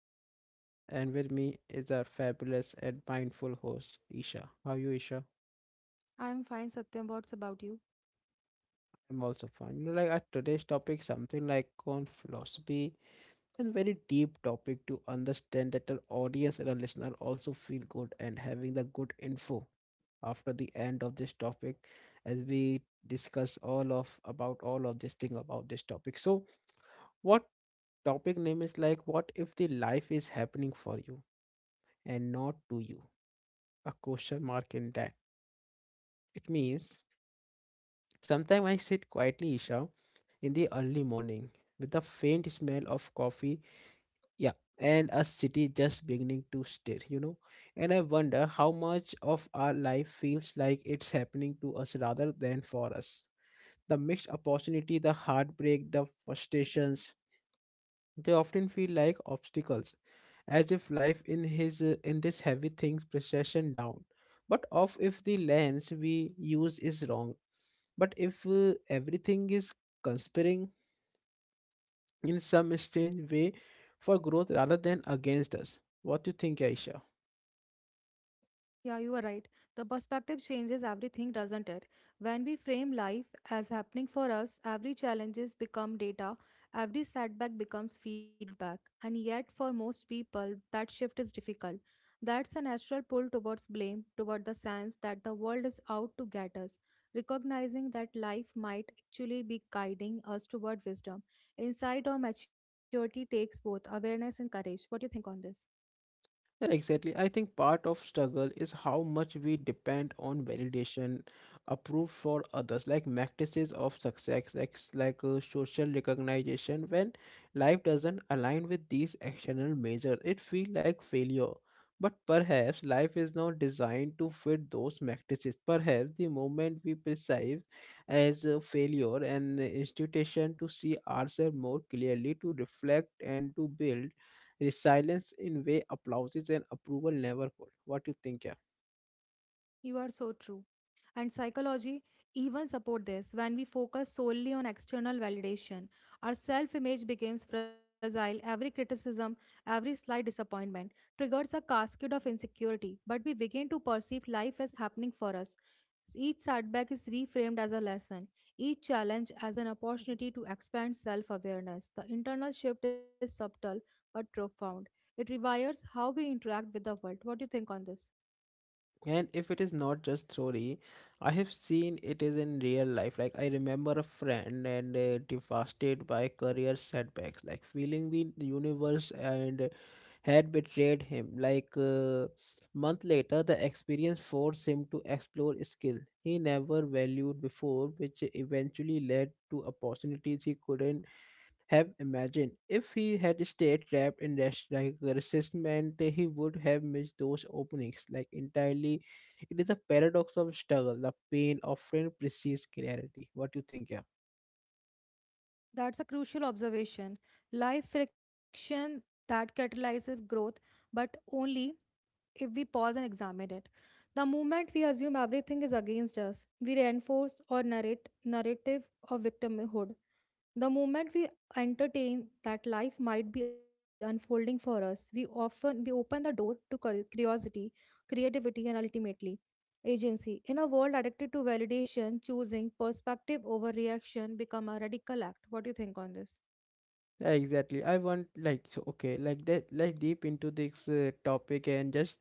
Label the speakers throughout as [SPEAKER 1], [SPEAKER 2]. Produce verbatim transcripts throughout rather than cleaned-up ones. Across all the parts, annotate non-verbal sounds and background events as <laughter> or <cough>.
[SPEAKER 1] Satyam and with me is our fabulous and mindful host Isha. How are you Isha?
[SPEAKER 2] I'm fine, Satyam. What's about you?
[SPEAKER 1] I'm also fine. You know, like our today's topic something like on philosophy and very deep topic to understand that our audience and our listener also feel good and having the good info after the end of this topic as we discuss all of about all of this thing about this topic. So what topic name is like what if the life is happening for you and not to you? A question mark in that. It means sometimes I sit quietly, Isha, in the early morning with the faint smell of coffee, yeah, and a city just beginning to stir, you know. And I wonder how much of our life feels like it's happening to us rather than for us. The mixed opportunity, the heartbreak, the frustrations, they often feel like obstacles, as if life in his uh, in this heavy things procession down. But of if the lens we use is wrong, but if uh, everything is conspiring in some strange way for growth rather than against us. What do you think, Aisha?
[SPEAKER 2] Yeah, you are right. The perspective changes everything, doesn't it? When we frame life as happening for us, every challenges become data, every setback becomes feedback. And yet for most people, that shift is difficult. That's a natural pull towards blame, toward the sense that the world is out to get us. Recognizing that life might actually be guiding us toward wisdom. Insight or maturity takes both awareness and courage. What do you think on this?
[SPEAKER 1] Yeah, exactly. I think part of struggle is how much we depend on validation approved for others, like matrices of success, like, s- like uh, social recognition. When life doesn't align with these external measures, it feels like failure. But perhaps life is not designed to fit those matrices. Perhaps the moment we perceive as a failure an institution to see ourselves more clearly, to reflect and to build resilience in way applauses and approval never could. What you think, yeah?
[SPEAKER 2] You are so true. And psychology even support this. When we focus solely on external validation, our self-image becomes fragile. Every criticism, every slight disappointment triggers a cascade of insecurity, but we begin to perceive life as happening for us. Each setback is reframed as a lesson, each challenge as an opportunity to expand self-awareness. The internal shift is subtle but profound. It rewires how we interact with the world. What do you think on this?
[SPEAKER 1] And if it is not just theory, I have seen it is in real life. Like I remember a friend and uh, devastated by career setbacks, like feeling the universe and had betrayed him. Like uh, month later, the experience forced him to explore skill he never valued before, which eventually led to opportunities he couldn't have imagined. If he had stayed trapped in rest like a resistment, he would have missed those openings like entirely. It is a paradox of struggle. The pain often precedes clarity. What do you think, yeah?
[SPEAKER 2] That's a crucial observation. Life friction that catalyzes growth, but only if we pause and examine it. The moment we assume everything is against us, we reinforce our narrate, narrative of victimhood. The moment we entertain that life might be unfolding for us, we often we open the door to cur- curiosity, creativity, and ultimately agency. In a world addicted to validation, choosing perspective over reaction become a radical act. What do you think on this?
[SPEAKER 1] Yeah, exactly. I want like so okay, like that like deep into this uh, topic and just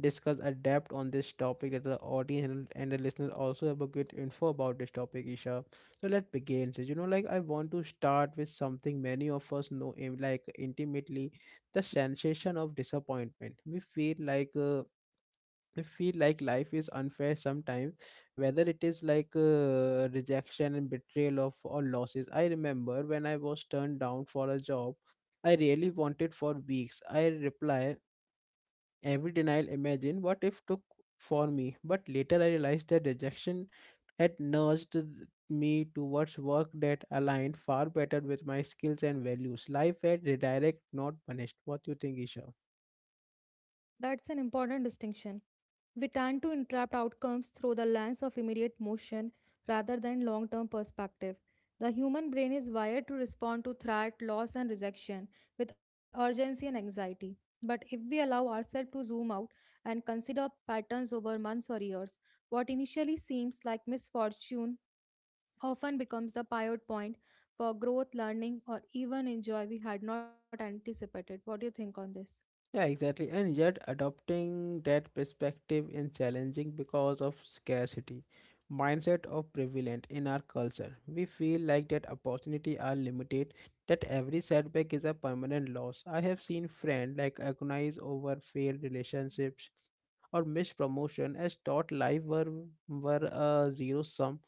[SPEAKER 1] discuss adapt on this topic that the audience and, and the listener also have a good info about this topic, Isha. So let's begin. So, you know, like I want to start with something many of us know eh, like intimately, the sensation of disappointment. We feel like uh, I feel like life is unfair sometimes, whether it is like uh, rejection and betrayal of or losses. I remember when I was turned down for a job I really wanted for weeks. I reply every denial. Imagine what if took for me, but later I realized that rejection had nudged th- me towards work that aligned far better with my skills and values. Life had redirect, not punished. What do you think, Isha?
[SPEAKER 2] That's an important distinction. We tend to interpret outcomes through the lens of immediate motion rather than long term perspective. The human brain is wired to respond to threat, loss, and rejection with urgency and anxiety. But if we allow ourselves to zoom out and consider patterns over months or years, what initially seems like misfortune often becomes the pivot point for growth, learning, or even in joy we had not anticipated. What do you think on this?
[SPEAKER 1] Yeah, exactly. And yet, adopting that perspective is challenging because of scarcity mindset of prevalent in our culture. We feel like that opportunity are limited, that every setback is a permanent loss. I have seen friends like agonize over failed relationships or missed promotion as thought life were were a zero sum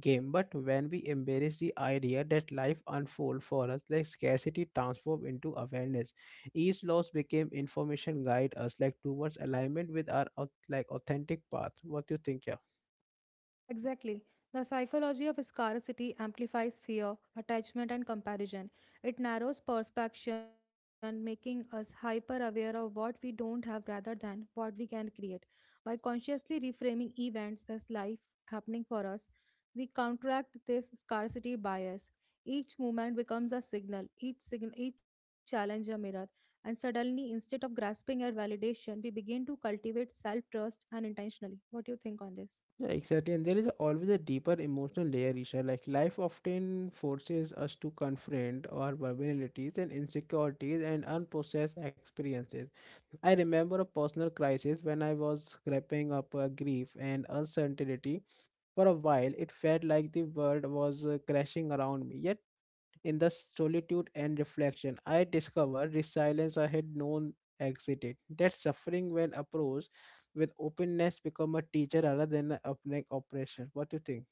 [SPEAKER 1] game. But when we embrace the idea that life unfolds for us, like scarcity transforms into awareness each loss became information guide us like towards alignment with our au- like authentic path. What do you think, yeah?
[SPEAKER 2] Exactly. The psychology of scarcity amplifies fear, attachment, and comparison. It narrows perception, making us hyper aware of what we don't have rather than what we can create. By consciously reframing events as life happening for us, we counteract this scarcity bias. Each moment becomes a signal, each, signal, each challenge a mirror, and suddenly, instead of grasping at validation, we begin to cultivate self trust and intentionally. What do you think on this?
[SPEAKER 1] Yeah, exactly. And there is a- always a deeper emotional layer, Isha. Like life often forces us to confront our vulnerabilities and insecurities and unprocessed experiences. I remember a personal crisis when I was grappling up a grief and uncertainty for a while. It felt like the world was uh, crashing around me. Yet in the solitude and reflection, I discovered resilience I had known exited. That suffering, when approached with openness, become a teacher rather than an oppressive oppression. What do you think?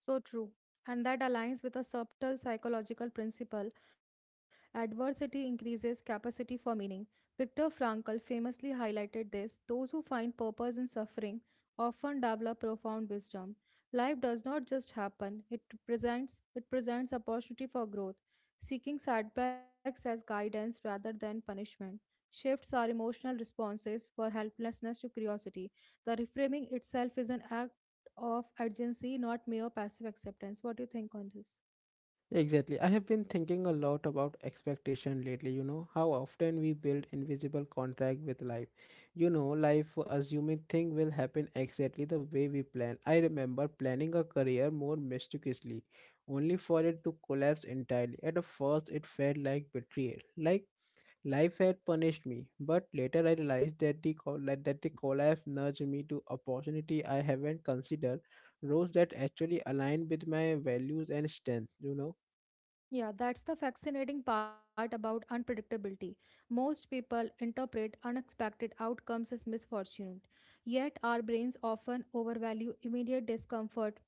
[SPEAKER 2] So true. And that aligns with a subtle psychological principle adversity increases capacity for meaning. Viktor Frankl famously highlighted this those who find purpose in suffering often develop profound wisdom. Life does not just happen, it presents, it presents opportunity for growth. Seeking setbacks as guidance rather than punishment shifts our emotional responses for helplessness to curiosity. The reframing itself is an act of urgency, not mere passive acceptance. What do you think on this?
[SPEAKER 1] Exactly. I have been thinking a lot about expectation lately. You know how often we build invisible contract with life. You know, life assuming thing will happen exactly the way we plan. I remember planning a career more mysticisly, only for it to collapse entirely. At the first, it felt like betrayal, like life had punished me, but later I realized that the col- that that the collapse nudged me to opportunity I haven't considered, roles that actually aligned with my values and strength. You know.
[SPEAKER 2] Yeah, that's the fascinating part about unpredictability. Most people interpret unexpected outcomes as misfortune, yet our brains often overvalue immediate discomfort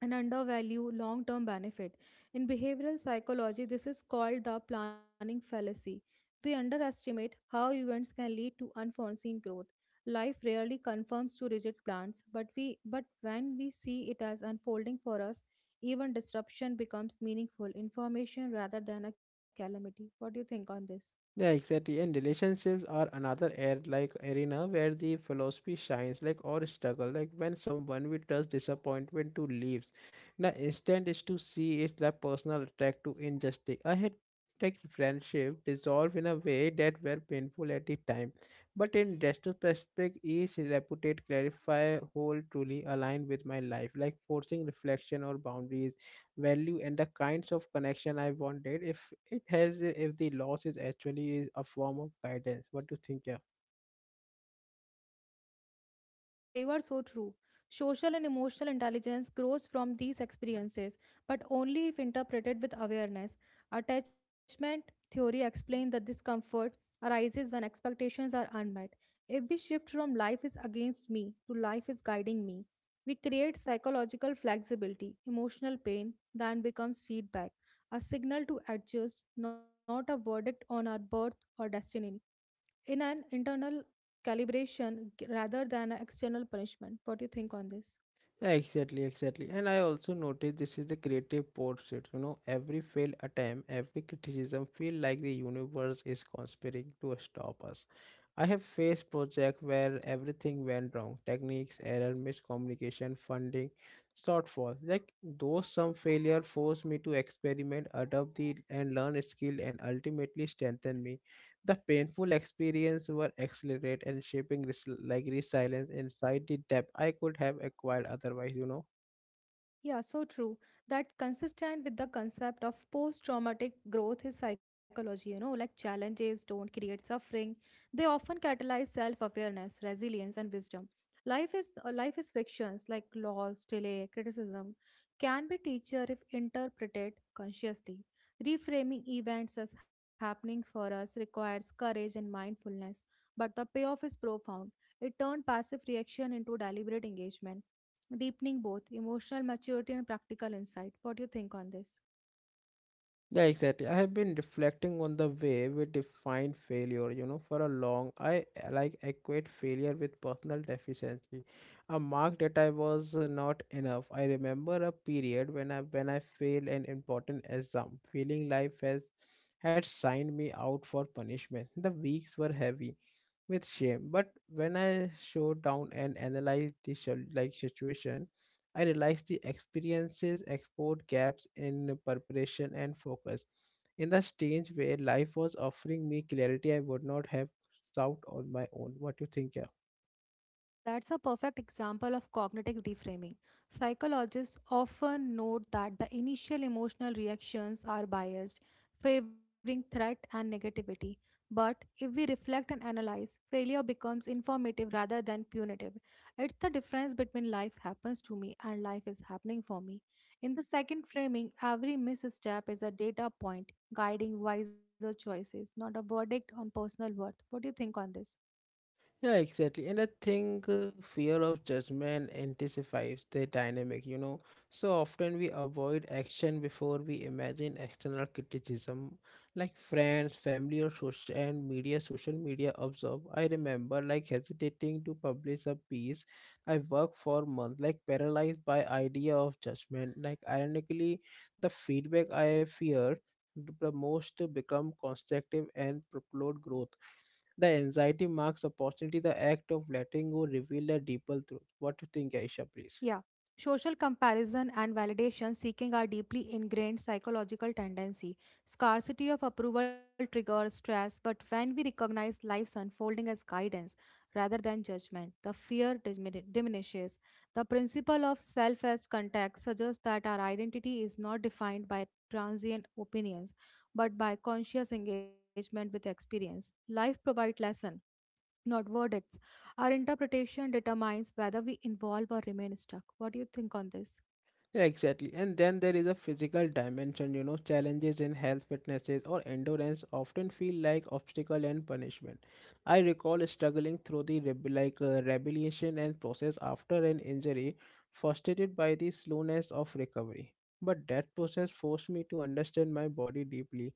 [SPEAKER 2] and undervalue long term benefit. In behavioral psychology, this is called the planning fallacy. We underestimate how events can lead to unforeseen growth. Life rarely conforms to rigid plans, but we but when we see it as unfolding for us, even disruption becomes meaningful information rather than a calamity. What do you think on this?
[SPEAKER 1] Yeah, exactly. And relationships are another air like arena where the philosophy shines, like or struggle. Like when someone we trust disappointment to leaves. The instant is to see it's the personal attack to injustice. I had like friendship dissolve in a way that were painful at the time. But in retrospect, each reputed clarify whole truly aligned with my life, like forcing reflection or boundaries value and the kinds of connection I wanted. If it has, if the loss is actually a form of guidance. What do you think, yeah?
[SPEAKER 2] Yeah, you are so true. Social and emotional intelligence grows from these experiences, but only if interpreted with awareness. Attachment theory explains that discomfort arises when expectations are unmet. If we shift from life is against me to life is guiding me, we create psychological flexibility. Emotional pain then becomes feedback, a signal to adjust, not a verdict on our birth or destiny in an internal calibration g- rather than an external punishment. What do you think on this?
[SPEAKER 1] Yeah, exactly, exactly. And I also noticed this is the creative portrait. You know, every failed attempt, every criticism feel like the universe is conspiring to stop us. I have faced project where everything went wrong. Techniques, error, miscommunication, funding, shortfall. Like those some failure forced me to experiment, adapt the and learn skill and ultimately strengthen me. The painful experience were accelerate and shaping this like resilience inside the depth I could have acquired otherwise, you know.
[SPEAKER 2] Yeah, so true. That's consistent with the concept of post-traumatic growth is psychology, you know, like challenges don't create suffering. They often catalyze self-awareness, resilience, and wisdom. Life is uh, life is frictions like loss, delay, criticism can be teacher if interpreted consciously. Reframing events as happening for us requires courage and mindfulness, but the payoff is profound. It turned passive reaction into deliberate engagement deepening both emotional maturity and practical insight. What do you think on this?
[SPEAKER 1] Yeah, exactly. I have been reflecting on the way we define failure, you know, for a long I uh, like equate failure with personal deficiency. A mark that I was uh, not enough. I remember a period when I when I failed an important exam, feeling life has had signed me out for punishment. The weeks were heavy with shame, but when I showed down and analyzed the sol- like situation I realized the experiences export gaps in preparation and focus. In the stage where life was offering me clarity I would not have sought on my own. What do you think, yeah?
[SPEAKER 2] That's a perfect example of cognitive reframing. Psychologists often note that the initial emotional reactions are biased, favoring threat and negativity. But if we reflect and analyze, failure becomes informative rather than punitive. It's the difference between life happens to me and life is happening for me. In the second framing, every misstep is a data point guiding wiser choices, not a verdict on personal worth. What do you think on this?
[SPEAKER 1] Yeah, exactly. And I think uh, fear of judgment anticipates the dynamic, you know. So often we avoid action before we imagine external criticism, like friends, family, or social and media. Social media observe. I remember like hesitating to publish a piece. I worked for months, like paralyzed by idea of judgment. Like ironically, the feedback I feared the most become constructive and propelled growth the anxiety marks opportunity, the act of letting go reveal a deeper truth. What do you think, Aisha, please?
[SPEAKER 2] Yeah. Social comparison and validation seeking are deeply ingrained psychological tendency. Scarcity of approval triggers stress, but when we recognize life's unfolding as guidance rather than judgment, the fear dimin- diminishes. The principle of self as context suggests that our identity is not defined by transient opinions, but by conscious engagement with experience. Life provides lesson not verdicts our interpretation determines whether we involve or remain stuck. What do you think on this?
[SPEAKER 1] Yeah, exactly. And then there is a physical dimension, you know, challenges in health, fitnesses, or endurance often feel like obstacle and punishment. I recall struggling through the reb- like uh, rehabilitation and process after an injury, frustrated by the slowness of recovery. But that process forced me to understand my body deeply,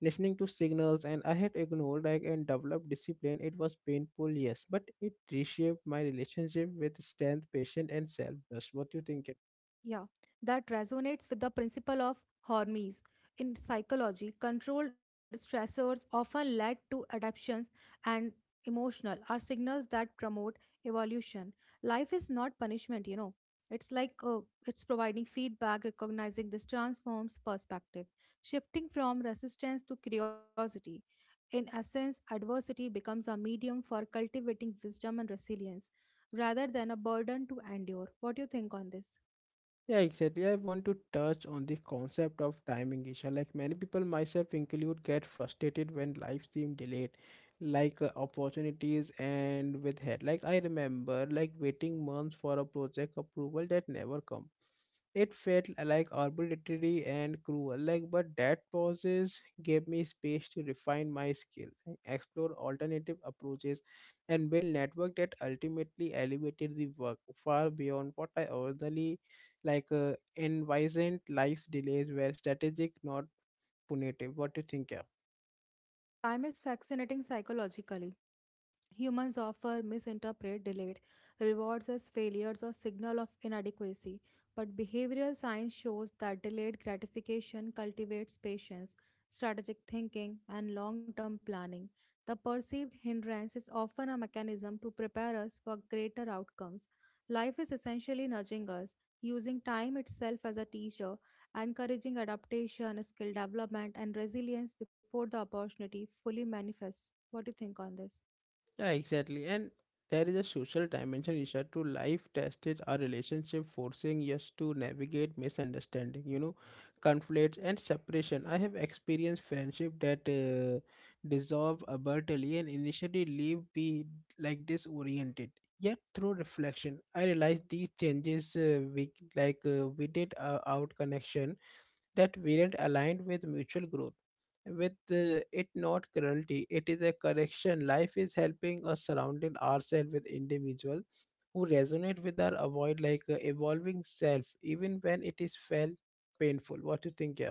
[SPEAKER 1] listening to signals, and I had ignored like and developed discipline. It was painful, yes, but it reshaped my relationship with strength, patience, and self-trust. What do you think?
[SPEAKER 2] Yeah, that resonates with the principle of Hormesis. In psychology, controlled stressors often lead to adaptations and emotional are signals that promote evolution. Life is not punishment, you know. It's like uh, it's providing feedback, recognizing this transforms perspective, shifting from resistance to curiosity. In essence, adversity becomes a medium for cultivating wisdom and resilience rather than a burden to endure. What do you think on this?
[SPEAKER 1] Yeah, exactly. I want to touch on the concept of timing, Isha. Like many people, myself include, get frustrated when life seems delayed, like uh, opportunities and with head. Like I remember, like waiting months for a project approval that never come. It felt like arbitrary and cruel. Like, but that pauses gave me space to refine my skill, like, explore alternative approaches, and build network that ultimately elevated the work far beyond what I originally like uh, envisaged life's delays were strategic, not punitive. What do you think? Yeah.
[SPEAKER 2] Time is fascinating psychologically. Humans often misinterpret delayed rewards as failures or signal of inadequacy, but behavioral science shows that delayed gratification cultivates patience, strategic thinking, and long-term planning. The perceived hindrance is often a mechanism to prepare us for greater outcomes. Life is essentially nudging us, using time itself as a teacher, encouraging adaptation, skill development, and resilience before the opportunity fully manifests. What do you think on this?
[SPEAKER 1] Yeah, exactly. And there is a social dimension issue to life tested our relationship, forcing us to navigate misunderstanding, you know, conflicts and separation. I have experienced friendship that uh, dissolve abruptly and initially leave me like disoriented. Yet through reflection, I realized these changes uh, we like uh, we did uh, out connection that weren't aligned with mutual growth. With uh, it not cruelty, it is a correction. Life is helping us surrounding ourselves with individuals who resonate with our avoid like uh, evolving self, even when it is felt painful. What do you think, yeah?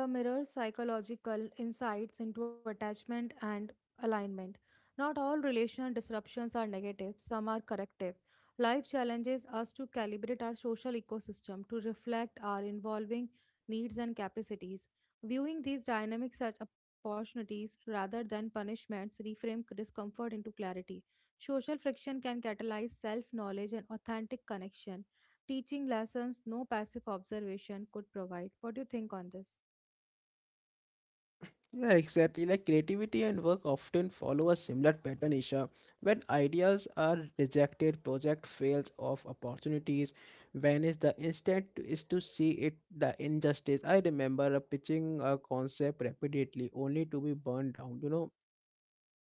[SPEAKER 2] The mirror psychological insights into attachment and alignment. Not all relational disruptions are negative, some are corrective. Life challenges us to calibrate our social ecosystem to reflect our evolving needs and capacities. Viewing these dynamics as opportunities rather than punishments reframe discomfort into clarity. Social friction can catalyze self knowledge and authentic connection, teaching lessons no passive observation could provide. What do you think on this?
[SPEAKER 1] Yeah, exactly. Like creativity and work often follow a similar pattern, Isha. When ideas are rejected, project fails of opportunities vanish. The instinct is to see it the injustice. I remember uh, pitching a concept repeatedly only to be burned down. You know,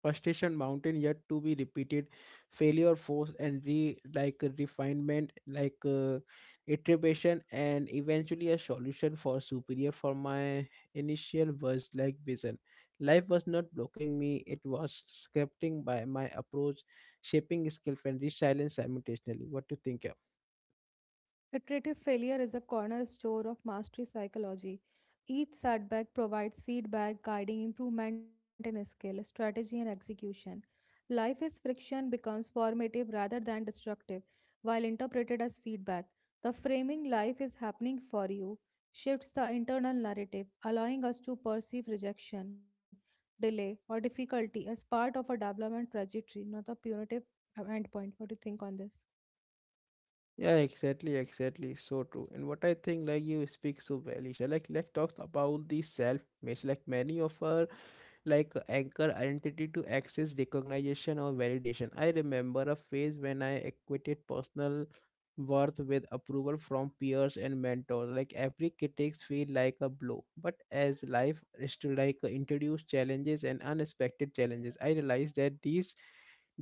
[SPEAKER 1] frustration mountain yet to be repeated failure force and re like refinement like uh, iteration and eventually a solution for superior for my initial was like vision life was not blocking me it was scripting by my approach shaping skill and resilience simultaneously what do you think of
[SPEAKER 2] Iterative failure is a cornerstone of mastery psychology. Each setback provides feedback, guiding improvement in skill, strategy, and execution. Life is friction becomes formative rather than destructive, while interpreted as feedback. The framing life is happening for you shifts the internal narrative, allowing us to perceive rejection, delay, or difficulty as part of a development trajectory, not a punitive uh, endpoint. What do you think on this?
[SPEAKER 1] yeah, exactly, exactly. So true. And what I think, like you speak so well, Isha. Like, like talks about the self image. Like many of us like anchor identity to access recognition or validation. I remember a phase when I equated personal worth with approval from peers and mentors. Like every critics feel like a blow. But as life is to like introduce challenges and unexpected challenges, I realized that these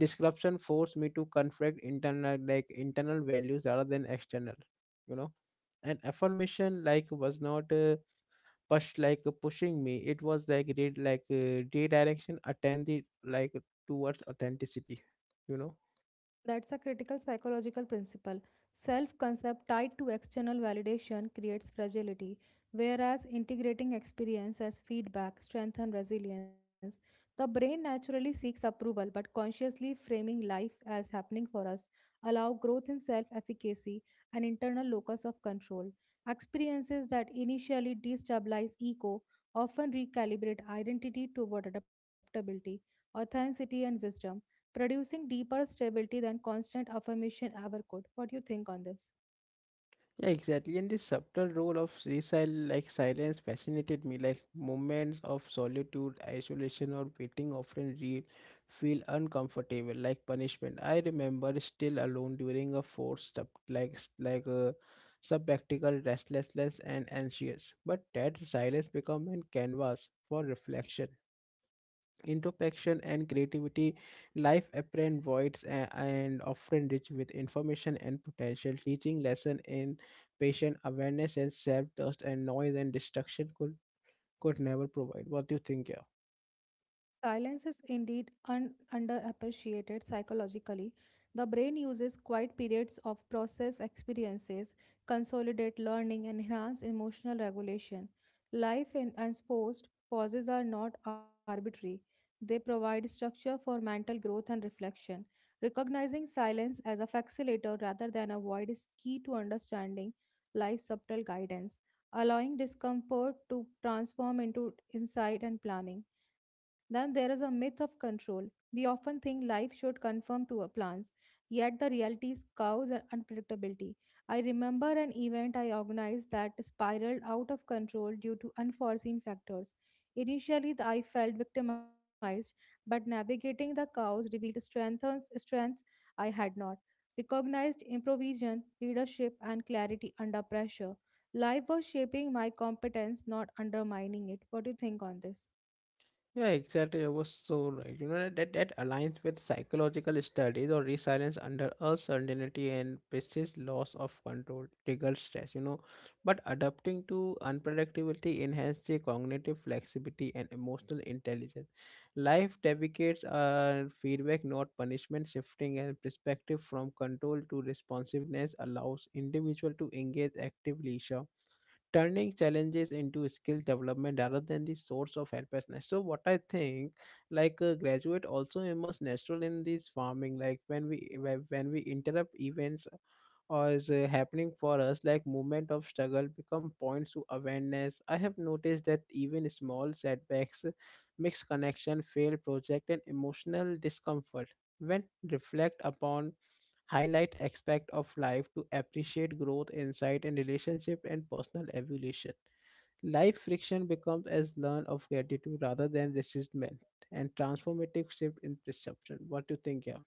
[SPEAKER 1] disruption forced me to confront internal like internal values rather than external. You know, and affirmation like was not. Uh, push like uh, pushing me, it was like re- like uh, redirection attended like towards authenticity you know
[SPEAKER 2] That's a critical psychological principle. Self concept tied to external validation creates fragility, whereas integrating experience as feedback strengthens resilience. The brain naturally seeks approval, but consciously framing life as happening for us allow growth in self efficacy and internal locus of control. Experiences that initially destabilize ego often recalibrate identity toward adaptability, authenticity, and wisdom producing deeper stability than constant affirmation ever could. What do you think on this?
[SPEAKER 1] yeah, exactly. And the subtle role of resil like silence fascinated me, like moments of solitude, isolation, or waiting often re- feel uncomfortable like punishment. I remember still alone during a forced up like s- like a subactical restlessness and anxious, but that silence become a canvas for reflection, introspection, and creativity. Life apparent voids a- and often rich with information and potential teaching lesson in patient awareness and self-trust, and noise and destruction could could never provide. What do you think, yeah?
[SPEAKER 2] Silence is indeed un- underappreciated psychologically. The brain uses quiet periods of process experiences, consolidate learning, and enhance emotional regulation. Life in enforced pauses are not arbitrary. They provide structure for mental growth and reflection. Recognizing silence as a facilitator rather than a void is key to understanding life's subtle guidance, allowing discomfort to transform into insight and planning. Then there is a myth of control. We often think life should conform to our plans, yet the reality is chaos and unpredictability. I remember an event I organized that spiraled out of control due to unforeseen factors. Initially, th- I felt victimized, but navigating the chaos revealed strengthens strengths I had not. Recognized improvisation, leadership, and clarity under pressure. Life was shaping my competence, not undermining it. What do you think on this?
[SPEAKER 1] Yeah, exactly. I was so right. You know that that aligns with psychological studies or resilience under uncertainty and persists loss of control triggers stress. You know, but adapting to unpredictability enhances the cognitive flexibility and emotional intelligence. Life advocates are feedback, not punishment. Shifting and perspective from control to responsiveness allows individual to engage actively. Sure, turning challenges into skill development rather than the source of helplessness. So what I think, like a graduate also immerse natural in this farming, like when we when when we interrupt events or is uh, happening for us, like movement of struggle become points to awareness. I have noticed that even small setbacks, mixed connection, failed project, and emotional discomfort when reflect upon highlight aspect of life to appreciate growth, insight, and relationship and personal evolution. Life friction becomes as learn of gratitude rather than resistment and transformative shift in perception. What do you think, yeah?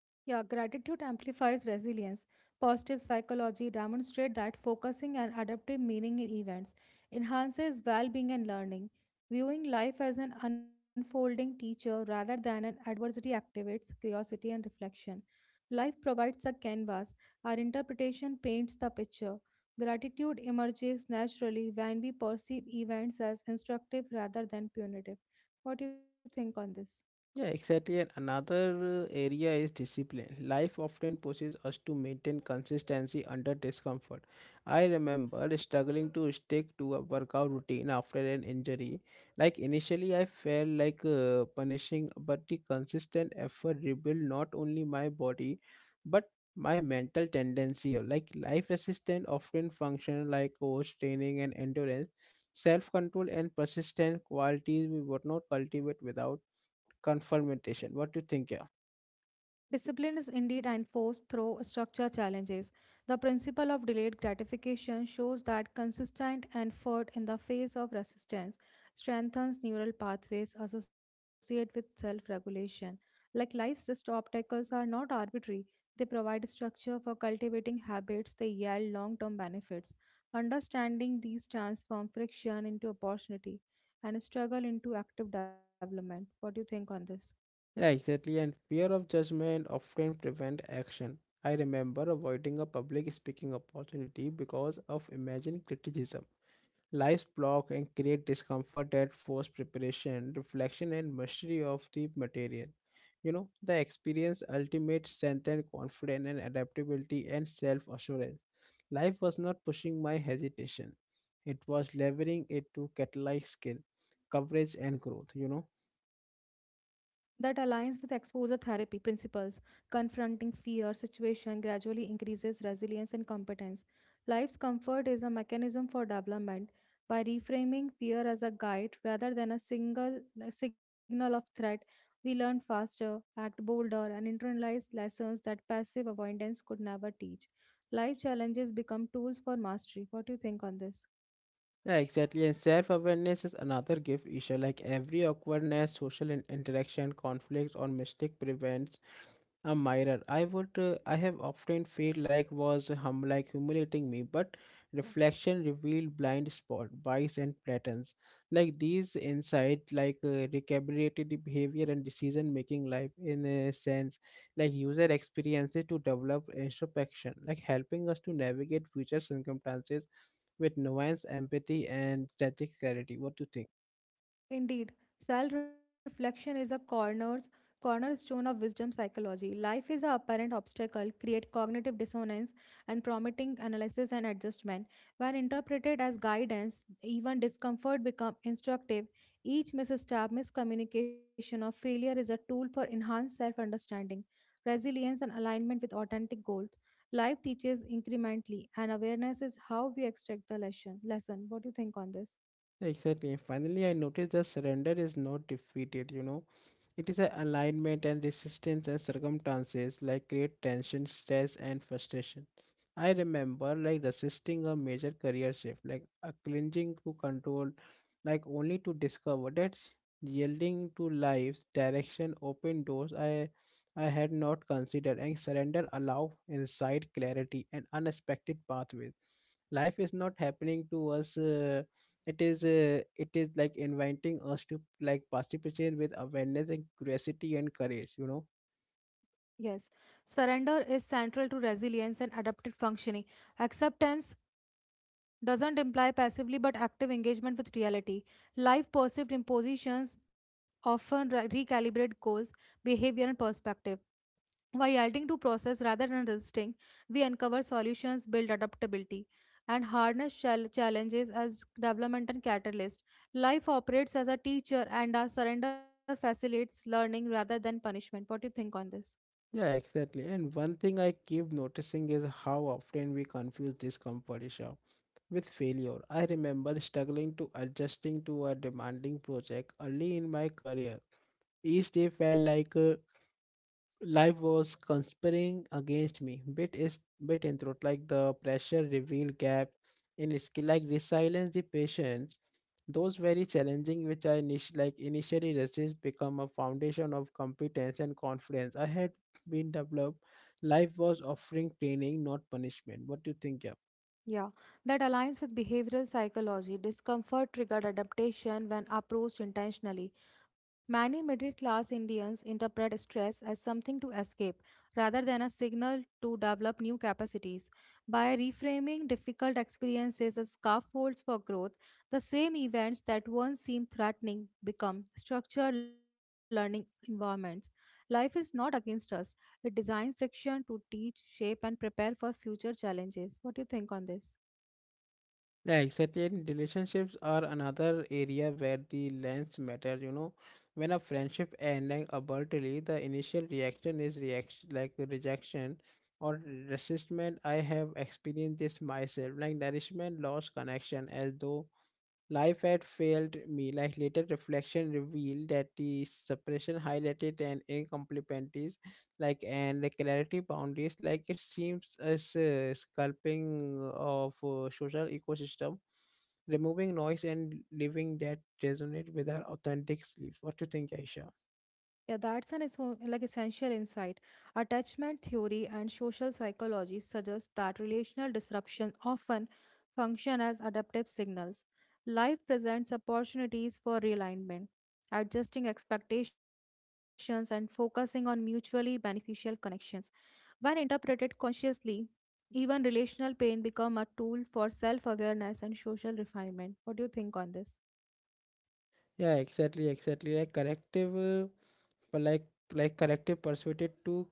[SPEAKER 2] Yeah, gratitude amplifies resilience. Positive psychology demonstrates that focusing and adaptive meaning in events enhances well-being and learning. Viewing life as an unfolding teacher rather than an adversary activates curiosity and reflection. Life provides a canvas, our interpretation paints the picture. Gratitude emerges naturally when we perceive events as instructive rather than punitive. What do you think on this?
[SPEAKER 1] Yeah, exactly. And another uh, area is discipline. Life often pushes us to maintain consistency under discomfort. I remember struggling to stick to a workout routine after an injury. Like initially, I felt like uh, punishing, but the consistent effort rebuilt not only my body, but my mental tendency. Like life resistance often function like coach training and endurance, self control and persistence qualities we would not cultivate without confrontation. What do you think? Yeah,
[SPEAKER 2] Discipline is indeed enforced through structure challenges. The principle of delayed gratification shows that consistent effort in the face of resistance strengthens neural pathways associated with self regulation. Like life's just obstacles are not arbitrary, they provide structure for cultivating habits that yield long term benefits. Understanding these transform friction into opportunity and struggle into active development. What do you think on this?
[SPEAKER 1] yeah, exactly. And fear of judgment often prevent action. I remember avoiding a public speaking opportunity because of imagined criticism. Lies block and create discomfort that force preparation, reflection, and mastery of the material. You know, the experience ultimate strength and confidence and adaptability and self-assurance. Life was not pushing my hesitation. It was leveraging it to catalyze skill, coverage, and growth, you know.
[SPEAKER 2] That aligns with exposure therapy principles. Confronting fear situation gradually increases resilience and competence. Life's comfort is a mechanism for development. By reframing fear as a guide rather than a single a signal of threat, we learn faster, act bolder, and internalize lessons that passive avoidance could never teach. Life challenges become tools for mastery. What do you think on this?
[SPEAKER 1] Yeah, exactly. And self awareness is another gift issue. Like every awkwardness, social in- interaction, conflict, or mistake prevents a mirror. I would uh, I have often felt like was hum like humiliating me, but reflection revealed blind spot, bias and patterns. Like these insight like uh, recalibrated the behavior and decision making life in a sense, like user experiences to develop introspection, like helping us to navigate future circumstances with nuance, empathy and strategic clarity. What do you think?
[SPEAKER 2] Indeed, self reflection is a corners, cornerstone of wisdom psychology. Life is an apparent obstacle, create cognitive dissonance, and prompting analysis and adjustment. When interpreted as guidance, even discomfort become instructive. Each misstep, miscommunication, or failure is a tool for enhanced self understanding, resilience, and alignment with authentic goals. Life teaches incrementally, and awareness is how we extract the lesson. Lesson. What do you think on this?
[SPEAKER 1] Exactly. And finally, I noticed that surrender is not defeated, you know. It is an alignment and resistance and circumstances like create tension, stress, and frustration. I remember like resisting a major career shift, like a clinging to control, like only to discover that yielding to life's direction open doors I I had not considered, and surrender allow insight, clarity, and unexpected pathways. Life is not happening to us. uh, it is uh, it is like inviting us to like participate with awareness and curiosity and courage you know
[SPEAKER 2] Yes, surrender is central to resilience and adaptive functioning. Acceptance doesn't imply passively but active engagement with reality. Life perceived impositions often re- recalibrate goals, behavior, and perspective. By yielding to process rather than resisting, we uncover solutions, build adaptability, and harness chal- challenges as development and catalyst. Life operates as a teacher, and our surrender facilitates learning rather than punishment. What do you think on this?
[SPEAKER 1] Yeah, exactly. And one thing I keep noticing is how often we confuse discomfort, Isha, with failure. I remember struggling to adjusting to a demanding project early in my career. Each day felt like a life was conspiring against me, bit is bit in throat, like the pressure revealed gap in skill, like resilience, the patience. Those very challenging, which I init- like initially resist, become a foundation of competence and confidence I had been developed. Life was offering training, not punishment. What do you think, yeah?
[SPEAKER 2] Yeah, that aligns with behavioral psychology. Discomfort triggered adaptation when approached intentionally. Many middle class Indians interpret stress as something to escape rather than a signal to develop new capacities. By reframing difficult experiences as scaffolds for growth, the same events that once seemed threatening become structured learning environments. Life is not against us, it designs friction to teach, shape, and prepare for future challenges. What do you think on this?
[SPEAKER 1] Yeah, exactly. And relationships are another area where the lens matter. You know, when a friendship ending abruptly, the initial reaction is reaction like rejection or resistance. I have experienced this myself, like nourishment lost connection, as though life had failed me. Like later reflection revealed that the suppression highlighted an incompletencies, like and the clarity boundaries. Like it seems as a sculpting of uh, social ecosystem, removing noise and living that resonate with our authentic selves. What do you think, Aisha?
[SPEAKER 2] Yeah, that's an esso- like essential insight. Attachment theory and social psychology suggest that relational disruption often function as adaptive signals. Life presents opportunities for realignment, adjusting expectations and focusing on mutually beneficial connections. When interpreted consciously, even relational pain become a tool for self-awareness and social refinement. What do you think on this?
[SPEAKER 1] Yeah, exactly, exactly. Like corrective. uh, but like like collective persuaded to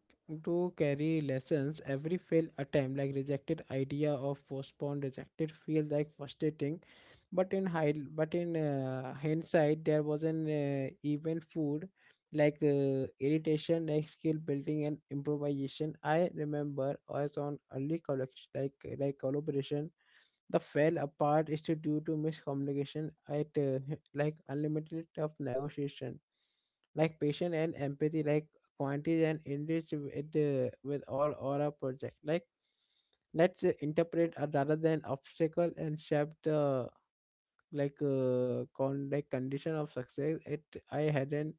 [SPEAKER 1] to carry lessons. Every failed attempt, like rejected idea of postponed rejected, feels like frustrating, but in hind but in uh, hindsight there was an uh, even food, like uh, irritation, like skill building and improvisation. I remember I was on early collection, like like collaboration the fell apart is due to miscommunication at uh, like unlimited of negotiation, like patience and empathy, like quantity and enrich with the with all aura project. Like let's say interpret uh, rather than obstacle and shape the like uh, con like condition of success. It I hadn't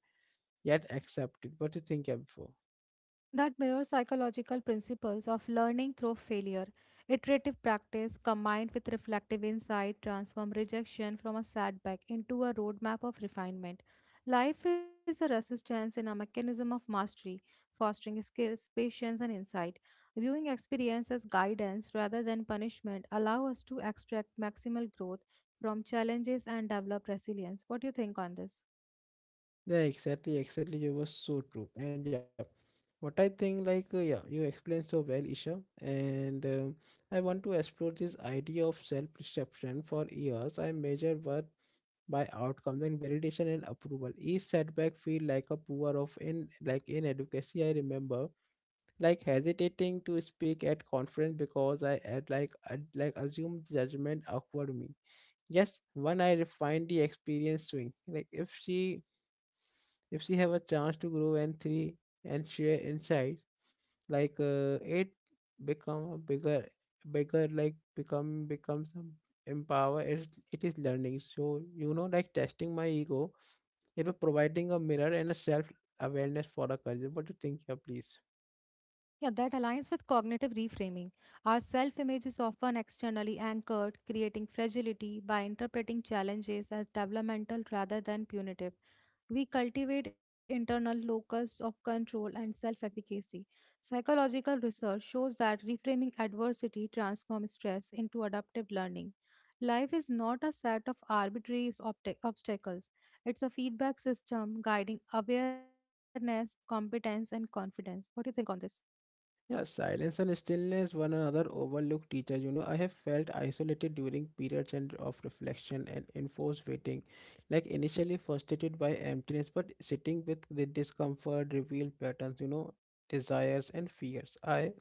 [SPEAKER 1] yet accepted. What do you think, yeah, before?
[SPEAKER 2] That mirror psychological principles of learning through failure. Iterative practice combined with reflective insight transform rejection from a setback into a roadmap of refinement. Life is a resistance and a mechanism of mastery, fostering skills, patience, and insight. Viewing experience as guidance rather than punishment allow us to extract maximal growth from challenges and develop resilience. What do you think on this?
[SPEAKER 1] Yeah, exactly, exactly. You were so true. And yeah, what I think, like, uh, yeah, you explained so well, Isha. And um I want to explore this idea of self perception for years. I measure worth by outcomes and validation and approval. Each setback feel like a poor of in like in advocacy. I remember like hesitating to speak at conference because I had like I'd, like assumed judgment awkward me. Yes, when I refine the experience swing, like if she if she have a chance to grow and three and share insights, like uh, it become a bigger, bigger, like become becomes a empower. It, it is learning. So you know, like testing my ego, it was providing a mirror and a self awareness for a culture. What do you think here, please?
[SPEAKER 2] Yeah, that aligns with cognitive reframing. Our self image is often externally anchored, creating fragility by interpreting challenges as developmental rather than punitive. We cultivate internal locus of control and self efficacy. Psychological research shows that reframing adversity transforms stress into adaptive learning. Life is not a set of arbitrary obta- obstacles, it's a feedback system guiding awareness, competence, and confidence. What do you think on this?
[SPEAKER 1] Yeah, silence and stillness, one another overlooked teachers. You know, I have felt isolated during periods and of reflection and enforced waiting, like initially frustrated by emptiness, but sitting with the discomfort, revealed patterns, you know, desires and fears. I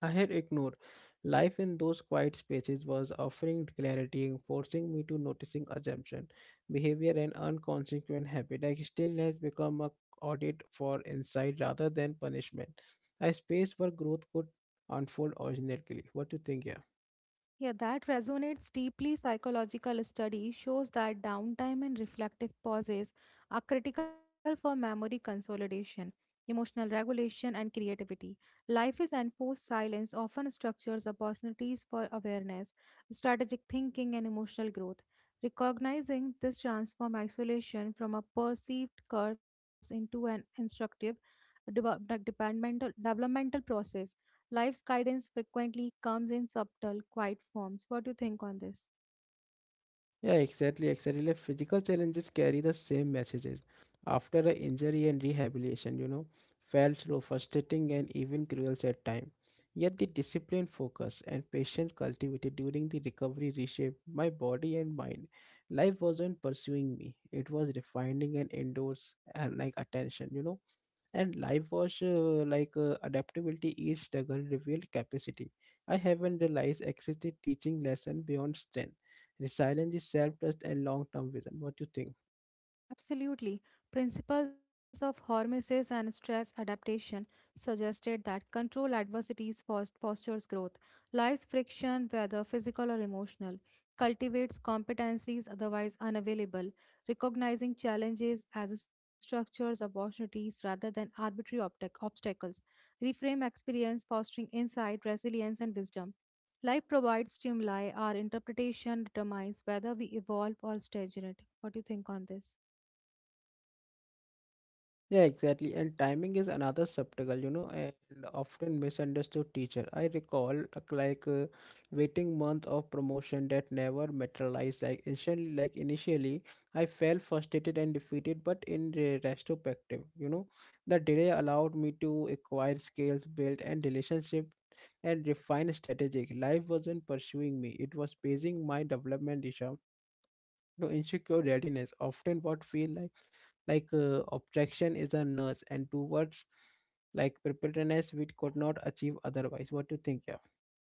[SPEAKER 1] I had ignored. Life in those quiet spaces was offering clarity, forcing me to noticing assumption, behavior, and unconsequent habit. I Still, has become a audit for insight rather than punishment. A space where growth could unfold organically. What do you think, yeah?
[SPEAKER 2] Yeah, that resonates deeply. Psychological study shows that downtime and reflective pauses are critical for memory consolidation, emotional regulation, and creativity. Life is enforced silence often structures opportunities for awareness, strategic thinking, and emotional growth. Recognizing this transforms isolation from a perceived curse into an instructive develop- developmental developmental process. Life's guidance frequently comes in subtle, quiet forms. What do you think on this?
[SPEAKER 1] Yeah, exactly, exactly. Like physical challenges carry the same messages. After an injury and rehabilitation, you know, felt slow, frustrating, and even cruel at times. Yet the discipline, focus, and patience cultivated during the recovery reshaped my body and mind. Life wasn't pursuing me; it was refining and endures and like attention. You know, and live wash uh, like uh, adaptability is struggle revealed capacity I haven't realized existed, teaching lesson beyond strength, resilience is self-trust and long-term vision. What do you think?
[SPEAKER 2] Absolutely. Principles of hormesis and stress adaptation suggested that control adversities fos- fosters growth. Life's friction, whether physical or emotional, cultivates competencies otherwise unavailable, recognizing challenges as structures of opportunities rather than arbitrary obtac- obstacles. Reframe experience, fostering insight, resilience, and wisdom. Life provides stimuli, our interpretation determines whether we evolve or stagnate. What do you think on this?
[SPEAKER 1] Yeah, exactly. And timing is another subtle, you know, and often misunderstood teacher. I recall uh, like uh, waiting month of promotion that never materialized. Like initially, like initially, I felt frustrated and defeated. But in re- retrospective, you know, the delay allowed me to acquire skills, build and relationship, and refine strategic. Life wasn't pursuing me; it was pacing my development. Disha, you know, insecure readiness often what feel like like uh, objection is a nurse, and towards like preparedness we could not achieve otherwise. What do you think, yeah?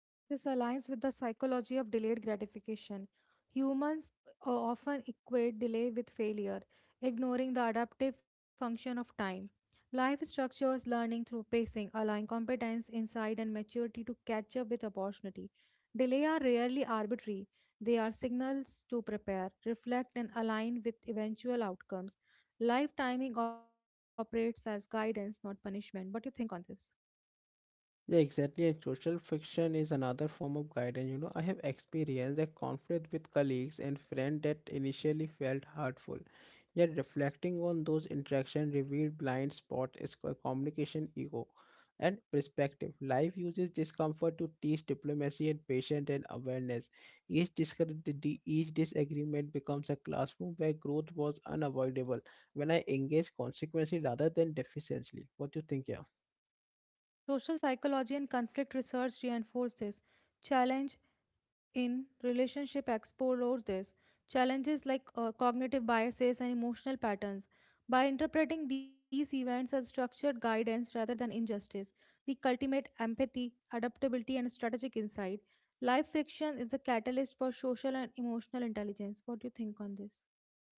[SPEAKER 2] This aligns with the psychology of delayed gratification. Humans o- often equate delay with failure, ignoring the adaptive function of time. Life structures learning through pacing, allowing competence, insight, and maturity to catch up with opportunity. Delay are rarely arbitrary. They are signals to prepare, reflect, and align with eventual outcomes. Life timing operates as guidance, not punishment. What do you think on this?
[SPEAKER 1] Yeah, exactly. And social friction is another form of guidance. You know, I have experienced a conflict with colleagues and friends that initially felt hurtful. Yet reflecting on those interactions revealed blind spots, is co- communication ego and perspective. Life uses discomfort to teach diplomacy and patience and awareness. Each, discre- the- the- each disagreement becomes a classroom where growth was unavoidable when I engage consequently rather than deficiently. What do you think, yeah?
[SPEAKER 2] Social psychology and conflict research reinforce this. Challenge in relationship explores this. Challenges like uh, cognitive biases and emotional patterns. By interpreting these events as structured guidance rather than injustice, we cultivate empathy, adaptability, and strategic insight. Life friction is a catalyst for social and emotional intelligence. What do you think on this?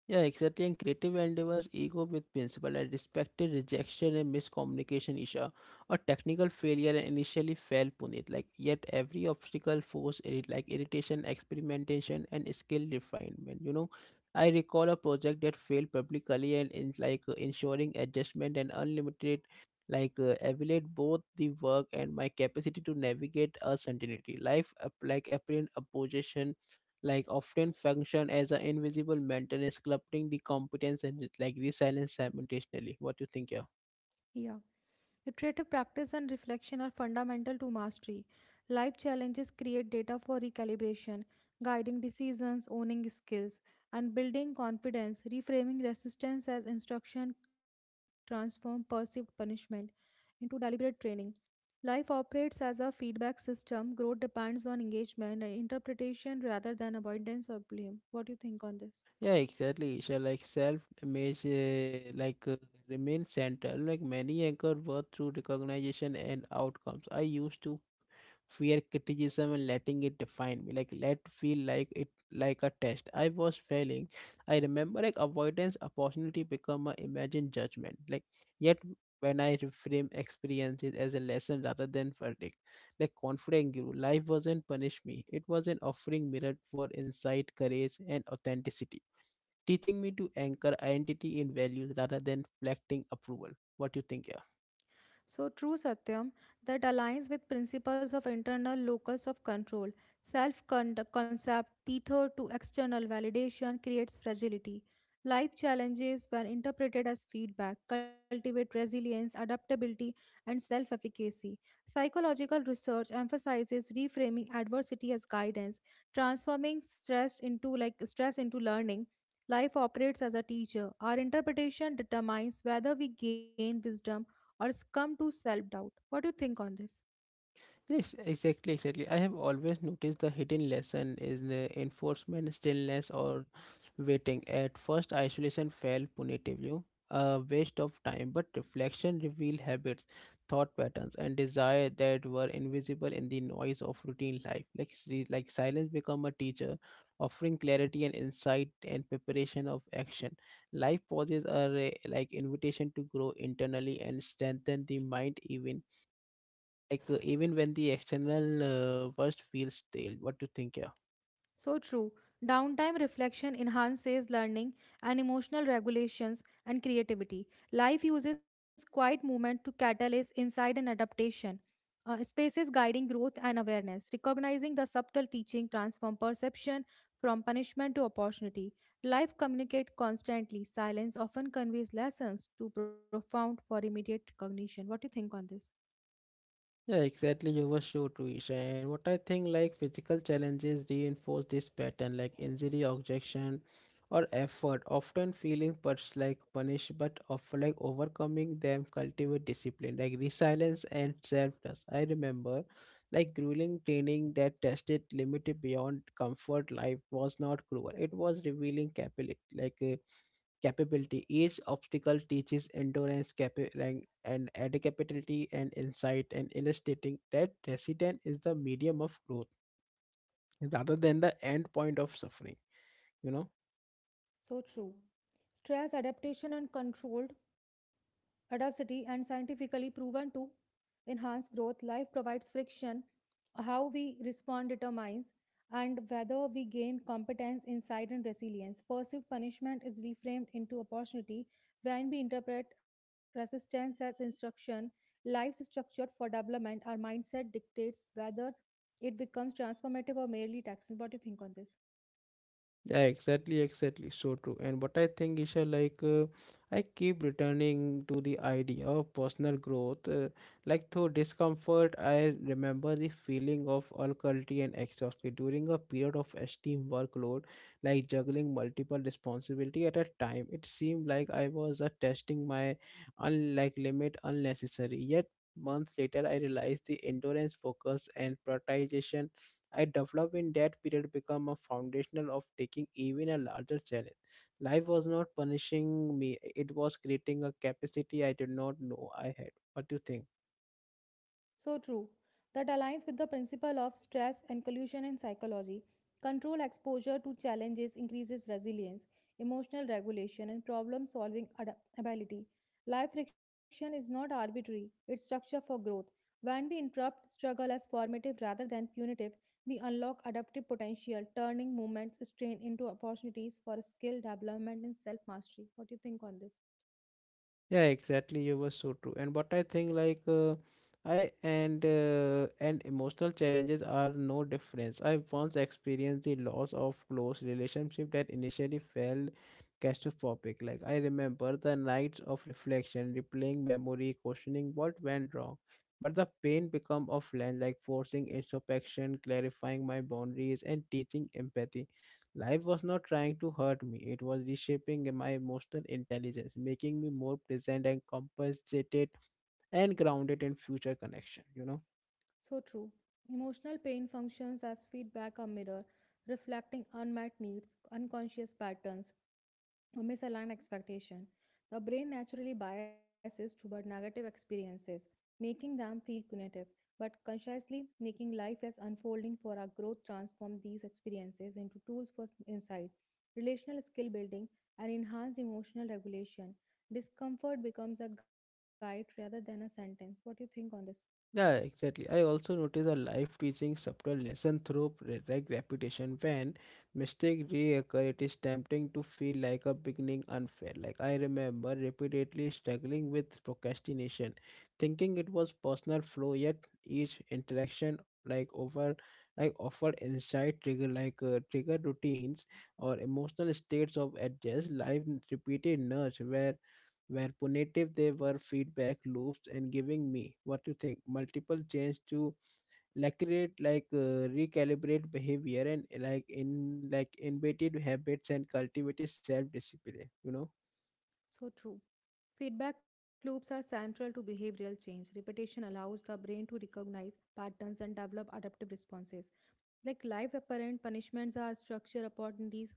[SPEAKER 1] Yeah, exactly. And creative endeavors, ego with principle, and respected rejection and miscommunication, Isha, or technical failure and initially fell Punit. Like yet every obstacle forced irri- like irritation, experimentation, and skill refinement. You know, I recall a project that failed publicly and in like uh, ensuring adjustment and unlimited like uh, evaluate both the work and my capacity to navigate uncertainty. Life up, like apparent opposition like often function as an invisible maintenance corrupting the competence and like resilience simultaneously. What do you think? Yeah.
[SPEAKER 2] Yeah. Iterative practice and reflection are fundamental to mastery. Life challenges create data for recalibration, guiding decisions, owning skills, and building confidence, reframing resistance as instruction, transform perceived punishment into deliberate training. Life operates as a feedback system. Growth depends on engagement and interpretation rather than avoidance or blame. What do you think on this?
[SPEAKER 1] Yeah, exactly. So like self image uh, like uh, remain central like many anchor worth through recognition and outcomes. I used to fear criticism and letting it define me, like let feel like it like a test I was failing. I remember like avoidance opportunity become a imagined judgment like yet when I reframe experiences as a lesson rather than verdict, like confident grew. Life wasn't punish me, it was an offering mirror for insight, courage and authenticity, teaching me to anchor identity in values rather than reflecting approval. What do you think? Yeah.
[SPEAKER 2] So true, Satyam. That aligns with principles of internal locus of control. Self concept, tethered to external validation, creates fragility. Life challenges, when interpreted as feedback, cultivate resilience, adaptability, and self efficacy. Psychological research emphasizes reframing adversity as guidance, transforming stress into like stress into learning. Life operates as a teacher. Our interpretation determines whether we gain wisdom or succumb to self doubt. What do you think on this?
[SPEAKER 1] Yes, exactly, exactly. I have always noticed the hidden lesson is the enforcement, stillness, or waiting. At first, isolation felt punitive, you a waste of time, but reflection revealed habits, thought patterns, and desire that were invisible in the noise of routine life. Like, s- like silence become a teacher, offering clarity and insight and preparation of action. Life pauses are a, like invitation to grow internally and strengthen the mind even like uh, even when the external uh, burst feels stale. What do you think? Yeah.
[SPEAKER 2] So true. Downtime reflection enhances learning and emotional regulations and creativity. Life uses quiet movement to catalyze insight and adaptation. Uh, spaces guiding growth and awareness. Recognizing the subtle teaching transform perception from punishment to opportunity. Life communicates constantly. Silence often conveys lessons too profound for immediate recognition. What do you think on this?
[SPEAKER 1] Yeah, exactly. You were sure to it. And what I think, like physical challenges reinforce this pattern, like injury, objection, or effort. Often feeling pers- like punished, but of like overcoming them cultivate discipline, like resilience and self-trust. I remember like grueling training that tested limited beyond comfort. Life was not cruel; it was revealing capability, like. uh, capability. Each obstacle teaches endurance, capa- like- and adaptability and insight, and illustrating that resident is the medium of growth rather than the end point of suffering. You know.
[SPEAKER 2] So true. Stress adaptation and controlled adversity and scientifically proven to enhance growth. Life provides friction. How we respond determines and whether we gain competence, insight, and resilience. Perceived punishment is reframed into opportunity when we interpret resistance as instruction. Life is structured for development. Our mindset dictates whether it becomes transformative or merely taxing. What do you think on this?
[SPEAKER 1] Yeah, exactly, exactly. So true. And what I think, Isha, like uh, I keep returning to the idea of personal growth. Uh, like through discomfort, I remember the feeling of uncertainty and exhaustion during a period of extreme workload, like juggling multiple responsibility at a time. It seemed like I was uh, testing my unlike limit unnecessary. Yet months later, I realized the endurance, focus, and prioritization I developed in that period become a foundational of taking even a larger challenge. Life was not punishing me; it was creating a capacity I did not know I had. What do you think?
[SPEAKER 2] So true. That aligns with the principle of stress and collusion in psychology. Control exposure to challenges increases resilience, emotional regulation, and problem solving ability. Life friction is not arbitrary, it's structure for growth. When we interrupt struggle as formative rather than punitive, we unlock adaptive potential, turning moments strain into opportunities for skill development and self mastery. What do you think on this?
[SPEAKER 1] Yeah, exactly. You were so true. And what I think, like, uh, I and uh, and emotional challenges are no difference. I once experienced the loss of close relationship that initially felt catastrophic. Like, I remember the nights of reflection, replaying memory, questioning what went wrong. But the pain become offline, like forcing introspection, clarifying my boundaries, and teaching empathy. Life was not trying to hurt me, it was reshaping my emotional intelligence, making me more present and compensated and grounded in future connection, you know.
[SPEAKER 2] So true. Emotional pain functions as feedback or mirror, reflecting unmet needs, unconscious patterns, or misaligned expectation. The brain naturally biases toward negative experiences, making them feel punitive, but consciously making life as unfolding for our growth transform these experiences into tools for insight, relational skill building, and enhanced emotional regulation. Discomfort becomes a guide rather than a sentence. What do you think on this?
[SPEAKER 1] Yeah, exactly. I also notice a life teaching subtle lesson through re- like repetition. When mistake reoccur, it is tempting to feel like a beginning unfair. Like I remember repeatedly struggling with procrastination, thinking it was personal flaw. Yet each interaction like over like offered insight trigger like uh, trigger routines or emotional states of adjust life repeated nudge where where punitive they were feedback loops and giving me what you think multiple change to like create like uh, recalibrate behavior and like in like embedded habits and cultivated self discipline, you know.
[SPEAKER 2] So true. Feedback loops are central to behavioral change. Repetition allows the brain to recognize patterns and develop adaptive responses. Like life apparent punishments are structure opportunities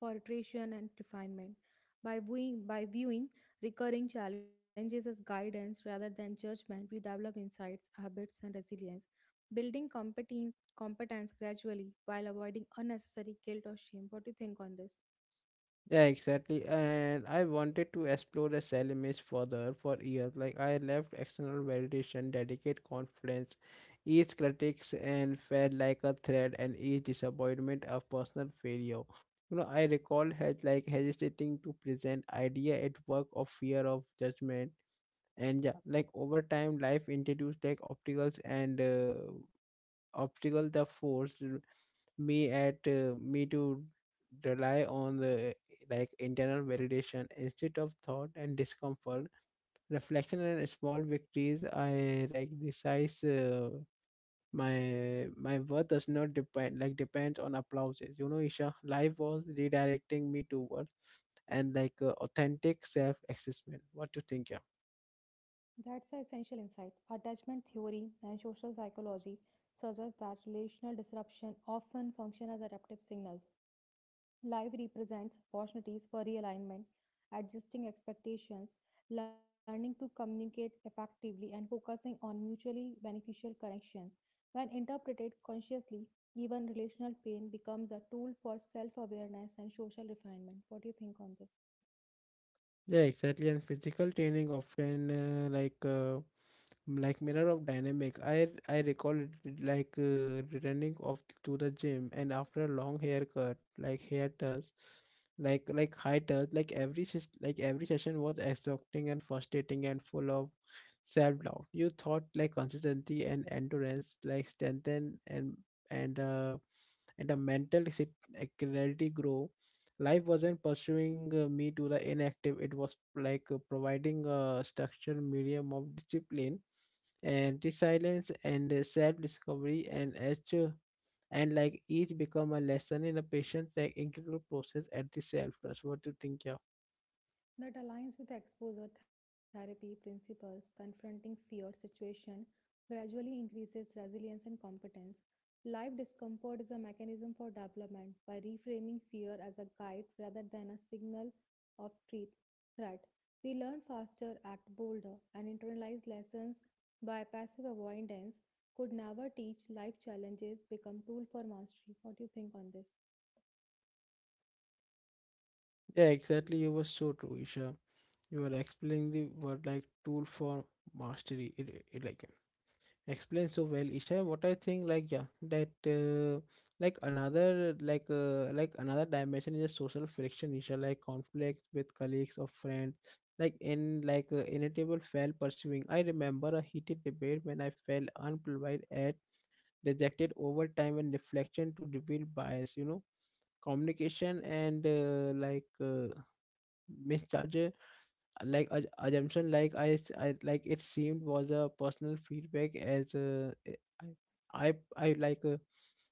[SPEAKER 2] for iteration and refinement. By viewing, by viewing recurring challenges as guidance rather than judgment, we develop insights, habits, and resilience, building competence, competence gradually while avoiding unnecessary guilt or shame. What do you think on this?
[SPEAKER 1] Yeah, exactly. And I wanted to explore the cell image further for years. Like I left external validation, dedicate confidence, each critics and felt like a threat and each disappointment of personal failure. You know, I recall had like hesitating to present idea at work of fear of judgment. And yeah, like over time, life introduced like obstacles and uh, obstacle the force me at uh, me to rely on the like internal validation instead of thought and discomfort reflection and small victories. I like resize uh, my my worth does not depend like depends on applauses, you know, Isha. Life was redirecting me toward and like uh, authentic self assessment. What do you think? Yeah.
[SPEAKER 2] That's an essential insight. Attachment theory and social psychology suggest that relational disruption often function as adaptive signals. Life represents opportunities for realignment, adjusting expectations, learning to communicate effectively, and focusing on mutually beneficial connections. When interpreted consciously, even relational pain becomes a tool for self awareness and social refinement. What do you think on this?
[SPEAKER 1] Yeah, exactly. And physical training often uh, like uh, like mirror of dynamic. I i recall it like uh, returning off to the gym and after a long haircut like hair does like like high touch like every ses- like every session was exhausting and frustrating and full of self-doubt. You thought like consistency and endurance like strengthen and and uh and a mental sit- uh, clarity grow. Life wasn't pursuing uh, me to the inactive. It was like uh, providing a structured medium of discipline and silence and self-discovery and each and like each become a lesson in a patient's like incredible process at the self-trust. What do you think? Yeah?
[SPEAKER 2] That aligns with exposure therapy principles. Confronting fear situation gradually increases resilience and competence. Life discomfort is a mechanism for development. By reframing fear as a guide rather than a signal of treat, threat, we learn faster, act bolder, and internalize lessons by passive avoidance could never teach. Life challenges become tool for mastery. What do you think on this?
[SPEAKER 1] Yeah, exactly. You were so true, Isha. You were explaining the word like tool for mastery. It, it like explained so well, Isha. What I think, like, yeah, that uh, like another like uh, like another dimension is a social friction, Isha, like conflict with colleagues or friends like in like uh, inevitable fail. Pursuing, I remember a heated debate when I felt unprovide at dejected over time and reflection to reveal bias, you know, communication and uh, like uh, mischarge like a assumption like I, s- I- like it seemed was a personal feedback as uh, eh, I, I I like uh,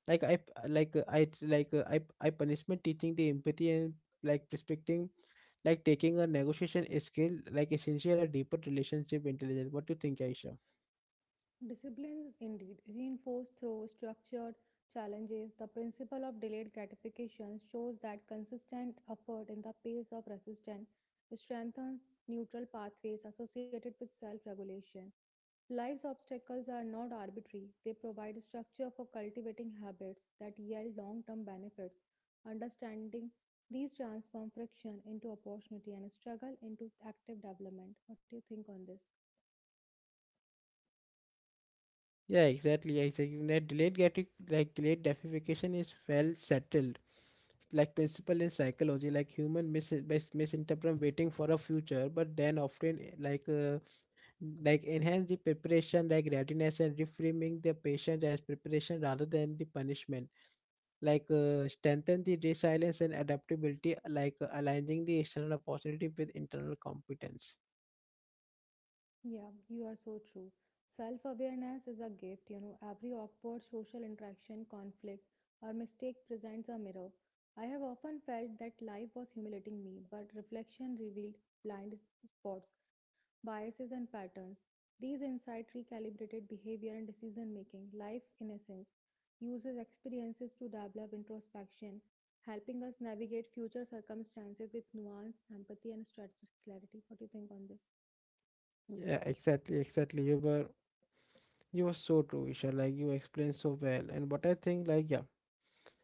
[SPEAKER 1] like I like uh, I like uh, I I punishment teaching the empathy and like prospecting like taking a negotiation skill, like essential a deeper relationship intelligence. What do you think, Aisha?
[SPEAKER 2] Disciplines indeed reinforced through structured challenges. The principle of delayed gratification shows that consistent effort in the face of resistance strengthens neutral pathways associated with self regulation. Life's obstacles are not arbitrary, they provide structure for cultivating habits that yield long term benefits. Understanding these transform friction into opportunity and struggle into active development. What do you think on this?
[SPEAKER 1] Yeah, exactly. Exactly. That delayed gratific like delayed gratification is well settled like principle in psychology, like human mis- mis- misinterpret waiting for a future, but then often like uh, like enhance the preparation like readiness and reframing the patient as preparation rather than the punishment like uh, strengthen the resilience and adaptability, like uh, aligning the external opportunity with internal competence.
[SPEAKER 2] Yeah, you are so true. Self awareness is a gift, you know. Every awkward social interaction, conflict, or mistake presents a mirror. I have often felt that life was humiliating me, but reflection revealed blind spots, biases, and patterns. These insights recalibrated behavior and decision making. Life, in essence, uses experiences to develop introspection, helping us navigate future circumstances with nuance, empathy, and strategic clarity. What do you think on this?
[SPEAKER 1] Yeah, exactly, exactly. You were you were so true, Isha. Like you explained so well. And what I think, like, yeah,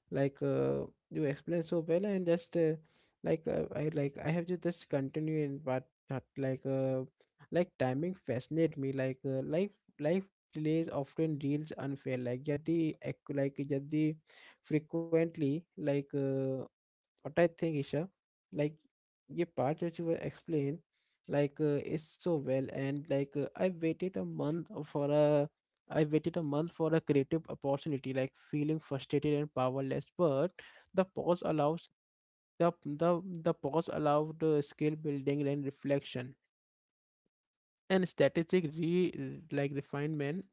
[SPEAKER 1] like uh, you explain so well and just uh, like uh, i like i have to just continue in but that like uh, like timing fascinate me, like uh, life life delays often deals unfair like yet the ac- like yet the frequently like uh, what I think, Isha, like your part which you were explained, like uh, is so well, and like uh, I waited a month for a, I waited a month for a creative opportunity, like feeling frustrated and powerless. But the pause allows the the the pause allowed uh, skill building and reflection and strategic re like refinement.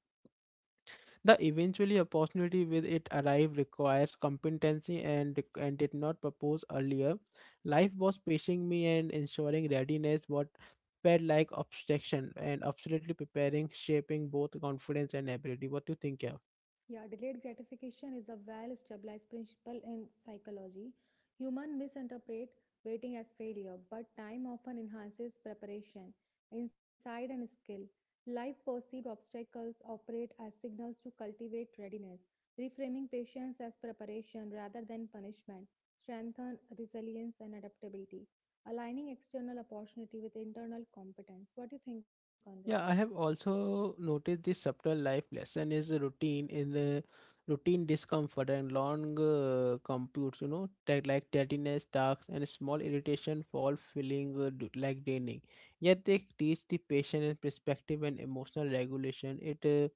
[SPEAKER 1] The eventually opportunity with it arrived requires competency and and did not propose earlier. Life was pacing me and ensuring readiness. What felt like obstruction and absolutely preparing, shaping both confidence and ability. What do you think? Yeah?
[SPEAKER 2] Yeah, delayed gratification is a well established principle in psychology. Humans misinterpret waiting as failure, but time often enhances preparation, insight, and skill. Life perceived obstacles operate as signals to cultivate readiness. Reframing patience as preparation rather than punishment strengthens resilience and adaptability, aligning external opportunity with internal competence. What do you think on this?
[SPEAKER 1] Yeah, I have also noticed this subtle life lesson is a routine in the routine discomfort and long uh, computes, you know, that like tediness, tasks, and small irritation fall feeling uh, d- like draining. Yet they teach the patience and perspective and emotional regulation. It uh,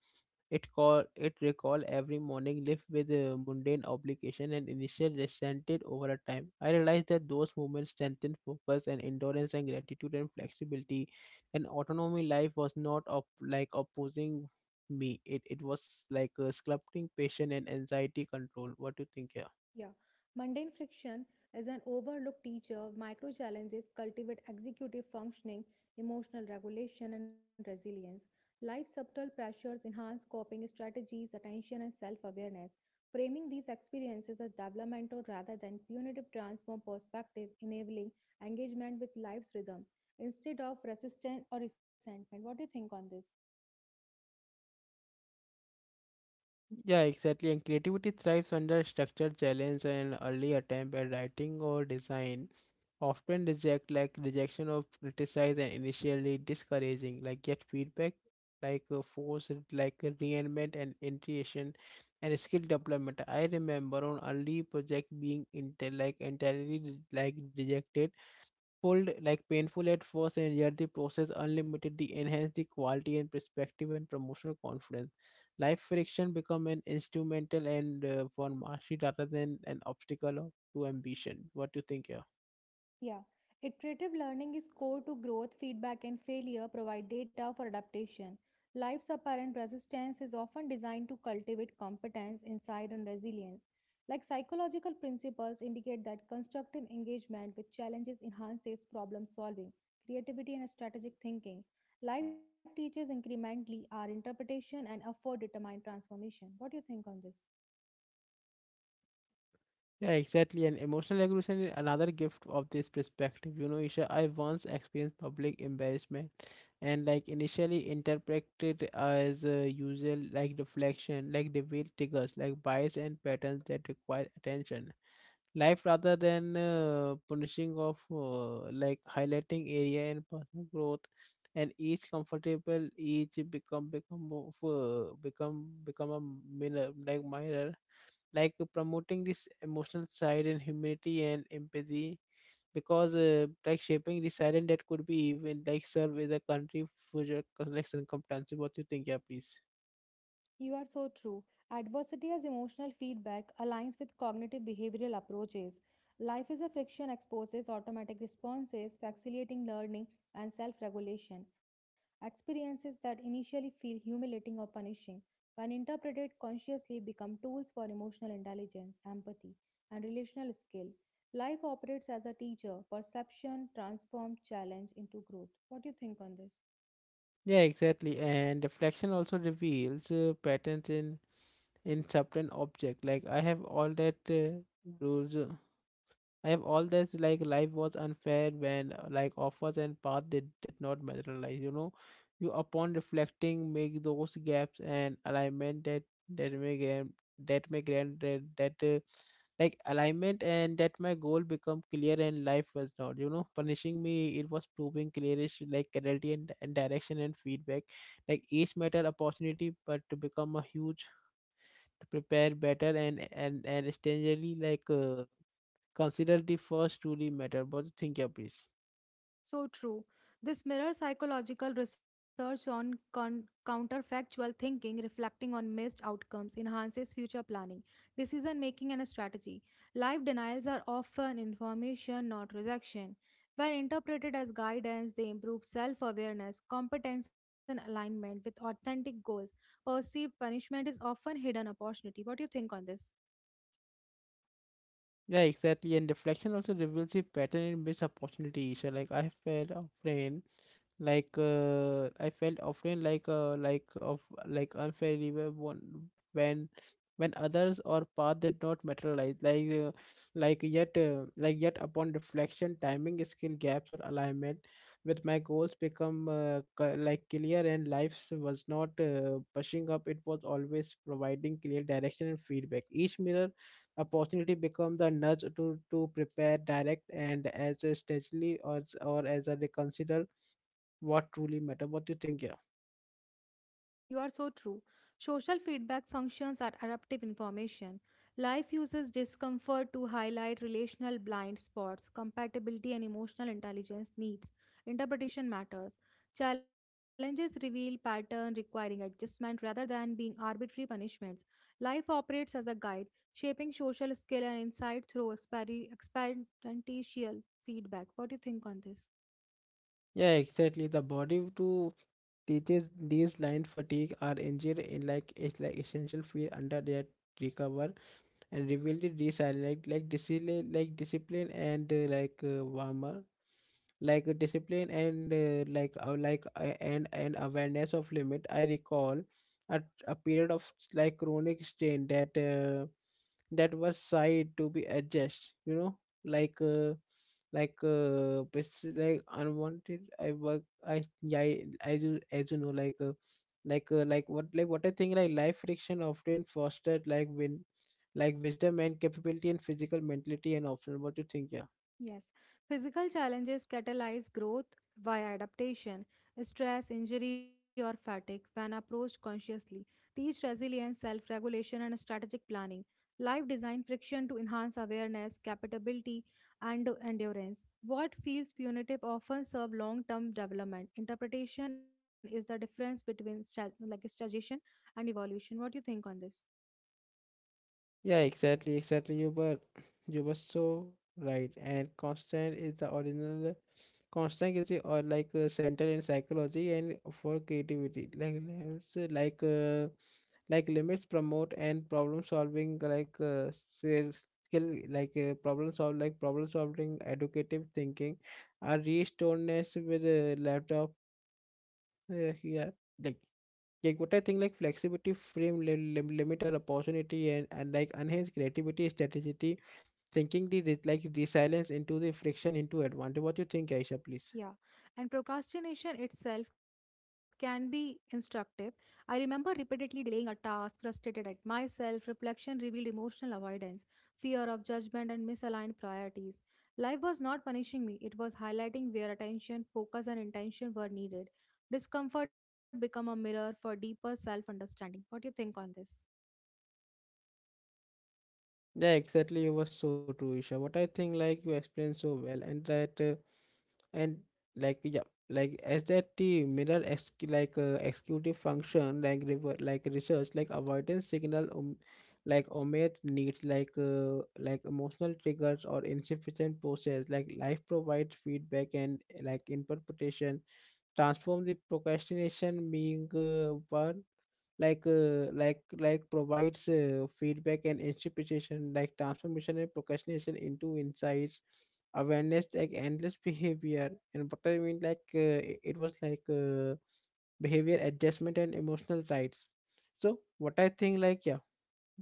[SPEAKER 1] it call it recall every morning lived with uh, mundane obligation and initial resented over a time. I realized that those moments strengthened focus and endurance and gratitude and flexibility. And autonomy life was not op- like opposing me. It it was like uh, sculpting patience and anxiety control. What do you think? Yeah?
[SPEAKER 2] Yeah, mundane friction is an overlooked teacher. Micro challenges cultivate executive functioning, emotional regulation, and resilience. Life's subtle pressures enhance coping strategies, attention, and self awareness. Framing these experiences as developmental rather than punitive transform perspective, enabling engagement with life's rhythm instead of resistance or resentment. What do you think on this?
[SPEAKER 1] Yeah, exactly. And creativity thrives under structure, challenge, and early attempt at writing or design. Often reject like rejection of criticize and initially discouraging, like get feedback, like uh, force, it, like uh, reinvent and intuition and skill development. I remember on early project being inter- like entirely re- like rejected. Pulled like painful at first, and yet the process unlimited the enhance the quality and perspective and promotional confidence. Life friction become an instrumental and uh, one mastery rather than an obstacle of- to ambition. What do you think here?
[SPEAKER 2] Yeah, iterative learning is core to growth, feedback, and failure provide data for adaptation. Life's apparent resistance is often designed to cultivate competence, insight, and resilience. Like psychological principles indicate that constructive engagement with challenges enhances problem solving, creativity, and strategic thinking. Life teaches incrementally our interpretation and effort determine transformation. What do you think on this?
[SPEAKER 1] Yeah, exactly. And emotional regulation is another gift of this perspective. You know, Isha, I once experienced public embarrassment and like initially interpreted as uh, usual like reflection, like revealed triggers, like bias and patterns that require attention. Life rather than uh, punishing of uh, like highlighting area and personal growth and each comfortable each become become of, uh, become become a mirror like mirror like promoting this emotional side and humility and empathy because uh, like shaping the silent that could be even like serve as a country future like circumstances. What you think? Yeah, please.
[SPEAKER 2] You are so true. Adversity as emotional feedback aligns with cognitive behavioral approaches. Life is a friction exposes automatic responses, facilitating learning and self regulation. Experiences that initially feel humiliating or punishing, when interpreted consciously, become tools for emotional intelligence, empathy, and relational skill. Life operates as a teacher, perception transformed challenge into growth. What do you think on this?
[SPEAKER 1] Yeah, exactly. And reflection also reveals uh, patterns in in certain object. Like I have all that uh, rules. Uh, I have all this like life was unfair when uh, like offers and path they did not materialize. You know, you upon reflecting make those gaps and alignment that that may grant that may grant that, that uh, like alignment and that my goal become clear and life was not you know punishing me, it was proving clearish like clarity and, and direction and feedback like each matter opportunity but to become a huge to prepare better and and and strangely like uh, consider the first truly matter, but think, yeah, please.
[SPEAKER 2] So true. This mirrors psychological research on con- counterfactual thinking, reflecting on missed outcomes, enhances future planning, decision making, and strategy. Life denials are often information, not rejection. When interpreted as guidance, they improve self awareness, competence, and alignment with authentic goals. Perceived punishment is often hidden opportunity. What do you think on this?
[SPEAKER 1] Yeah, exactly. And reflection also reveals a pattern in missed opportunity. So, like I have had a friend like uh, I felt often like uh, like of like unfair reward won- when when others or path did not materialize like uh, like yet uh, like yet upon reflection timing skill gaps or alignment with my goals become uh, c- like clear and life was not uh, pushing up, it was always providing clear direction and feedback each mirror opportunity become the nudge to to prepare direct and as a strategy or or as a reconsider what truly matter. What do you think? Yeah,
[SPEAKER 2] You are so true. Social feedback functions are eruptive information. Life uses discomfort to highlight relational blind spots, compatibility and emotional intelligence needs. Interpretation matters. Challenges reveal pattern requiring adjustment rather than being arbitrary punishments. Life operates as a guide, shaping social skill and insight through experi- experiential feedback. What do you think on this?
[SPEAKER 1] yeah, exactly. The body to teaches these line fatigue are injured in like it's like essential fear under their recover. And revealed resilience like like discipline like discipline and uh, like uh, warmer like uh, discipline and uh, like uh, like uh, and and awareness of limit. I recall a, a period of like chronic strain that uh, that was side to be adjusted, you know, like uh, like uh bas- like unwanted I work. I, yeah, I as you, as you know, like uh, like uh, like what, like what I think, like life friction often fostered like win like wisdom and capability and physical mentality and option. What do you think? Yeah,
[SPEAKER 2] Yes, physical challenges catalyze growth via adaptation. Stress, injury, or fatigue, when approached consciously, teach resilience, self regulation, and strategic planning. Life design friction to enhance awareness, capability, and endurance. What feels punitive often serve long term development. Interpretation is the difference between sta- like stagnation and evolution. What do you think on this?
[SPEAKER 1] yeah, exactly, exactly. You were you were so right, and constant is the original constant is the or like uh, center in psychology and for creativity like limits, uh, like uh, like limits promote and problem solving like uh, skill, skill, like uh, problem solve, like problem solving educative thinking are restoredness with a laptop uh, here, like. Like what I think, like flexibility, frame li- lim- limit our opportunity, and, and like enhance creativity, strategy, thinking the re- like resilience into the friction into advantage. What you think, Aisha, please?
[SPEAKER 2] Yeah, and procrastination itself can be instructive. I remember repeatedly delaying a task, frustrated at myself. Reflection revealed emotional avoidance, fear of judgment, and misaligned priorities. Life was not punishing me, it was highlighting where attention, focus, and intention were needed. Discomfort become a mirror for deeper self understanding. What do you think on this?
[SPEAKER 1] Yeah, exactly. It was so true, Isha. What I think, like you explained so well, and that uh, and like yeah, like as that the mirror ex- like uh, executive function, like rever- like research, like avoidance signal, um, like omit needs, like uh, like emotional triggers or insufficient process, like life provides feedback and like interpretation transform the procrastination being uh, one like uh, like like provides uh, feedback and interpretation, like transformation and procrastination into insights, awareness like endless <laughs> behavior. And what I mean, like uh, it it was like uh, behavior adjustment and emotional rights. So what I think, like yeah,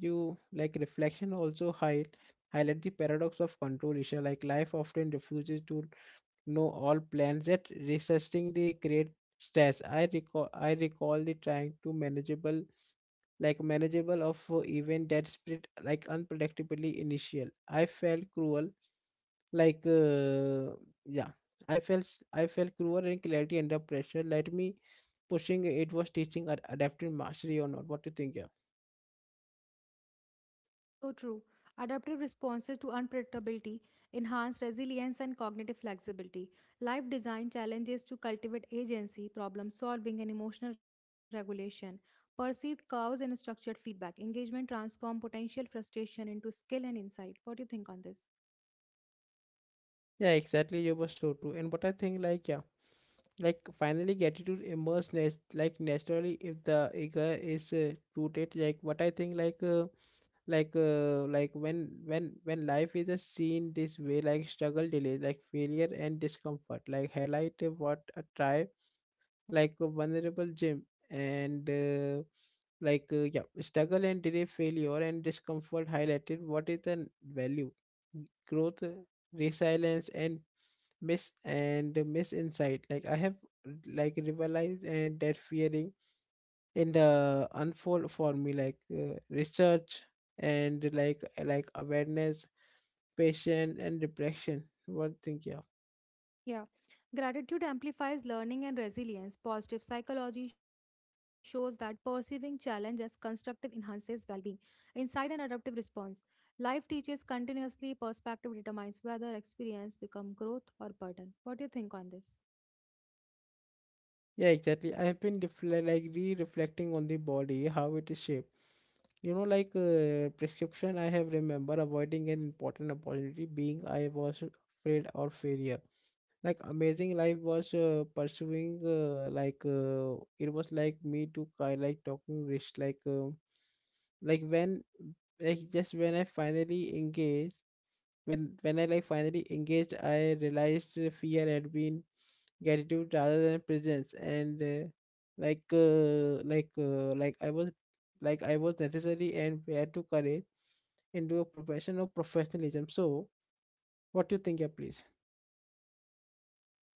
[SPEAKER 1] you like reflection also high highlight the paradox of control issue, like life often refuses to know all plans yet resisting the great stress. I recall i recall the trying to manageable like manageable of uh, event that split like unpredictably. Initial I felt cruel, like uh, yeah, i felt I felt cruel and clarity under pressure, let me pushing it was teaching ad- adaptive mastery or not. What do you think? Yeah.
[SPEAKER 2] So true. Adaptive responses to unpredictability enhance resilience and cognitive flexibility. Life design challenges to cultivate agency, problem solving, and emotional regulation. Perceived cause and structured feedback. Engagement transform potential frustration into skill and insight. What do you think on this?
[SPEAKER 1] Yeah, exactly. You were so true. And what I think, like, yeah, like finally gratitude emerges nat- like naturally if the ego is uh, rooted. Like what I think, like, uh, like, uh, like when when when life is uh, seen this way, like struggle, delay, like failure and discomfort, like highlight uh, what a try, like a vulnerable gym and. Uh, like uh, yeah, struggle and delay, failure and discomfort highlighted what is the value, growth, resilience, and miss and misinsight. Like I have like realized and that fearing in the unfold for me, like uh, research, and like like awareness, patience, and reflection. What think you? Yeah.
[SPEAKER 2] Yeah. Gratitude amplifies learning and resilience. Positive psychology shows that perceiving challenge as constructive enhances well being. Insight and adaptive response. Life teaches continuously, perspective determines whether experience become growth or burden. What do you think on this?
[SPEAKER 1] Yeah, exactly, I have been refle- like re-reflecting on the body how it is shaped, you know, like uh, prescription. I have remember avoiding an important opportunity being I was afraid or failure, like amazing life was uh, pursuing uh, like uh, it was like me to ki- like talking rich, like uh, like when like just when I finally engaged when when I like finally engaged I realized the fear had been gratitude rather than presence and uh, like uh, like uh, like I was like I was necessary and where to courage into a profession of professionalism. So what do you think? Yeah, please.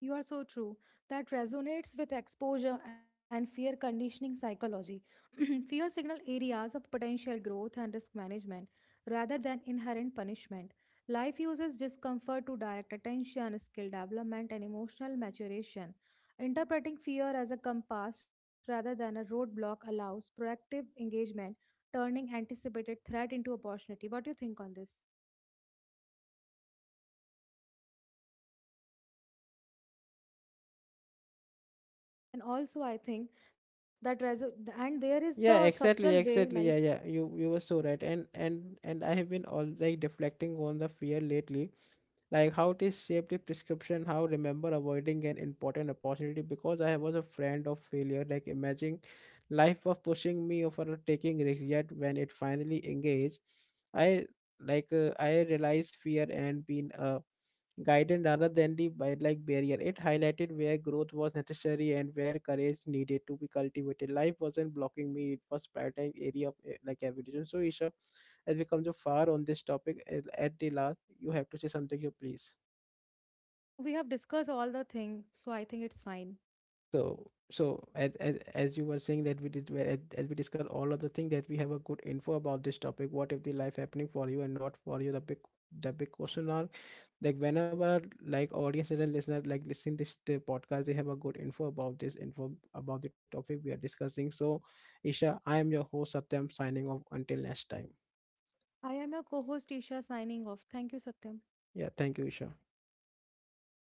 [SPEAKER 2] You are so true. That resonates with exposure and fear conditioning psychology. <clears throat> Fear signal areas of potential growth and risk management rather than inherent punishment. Life uses discomfort to direct attention, skill development, and emotional maturation. Interpreting fear as a compass rather than a roadblock allows proactive engagement, turning anticipated threat into opportunity. What do you think on this? And also, I think that reso- and there is
[SPEAKER 1] Yeah,
[SPEAKER 2] the
[SPEAKER 1] exactly,
[SPEAKER 2] subtle way
[SPEAKER 1] exactly, yeah,
[SPEAKER 2] life.
[SPEAKER 1] yeah, you you were so right, and and and I have been all like reflecting on the fear lately, like how it is shaped the prescription, how remember avoiding an important opportunity because I was a friend of failure, like imagining life of pushing me over taking risk yet when it finally engaged I like uh, I realized fear and been a guidance, rather than the bi- like barrier. It highlighted where growth was necessary and where courage needed to be cultivated. Life wasn't blocking me; it was prioritized area of eh, like evolution. So, Isha, as we come to far on this topic, eh, at the last, you have to say something, you please.
[SPEAKER 2] No, we have discussed all the things, so I think it's fine.
[SPEAKER 1] So so as as, as you were saying that we did, as, as we discuss all of the thing that we have a good info about this topic. What if the life happening for you and not for you? The big the big question are like whenever like audience and listener like listen this the podcast, they have a good info about this info about the topic we are discussing. So Isha, I am your host Satyam, signing off until next time.
[SPEAKER 2] I am your co host, Isha, signing off. Thank you, Satyam.
[SPEAKER 1] Yeah, thank you, Isha.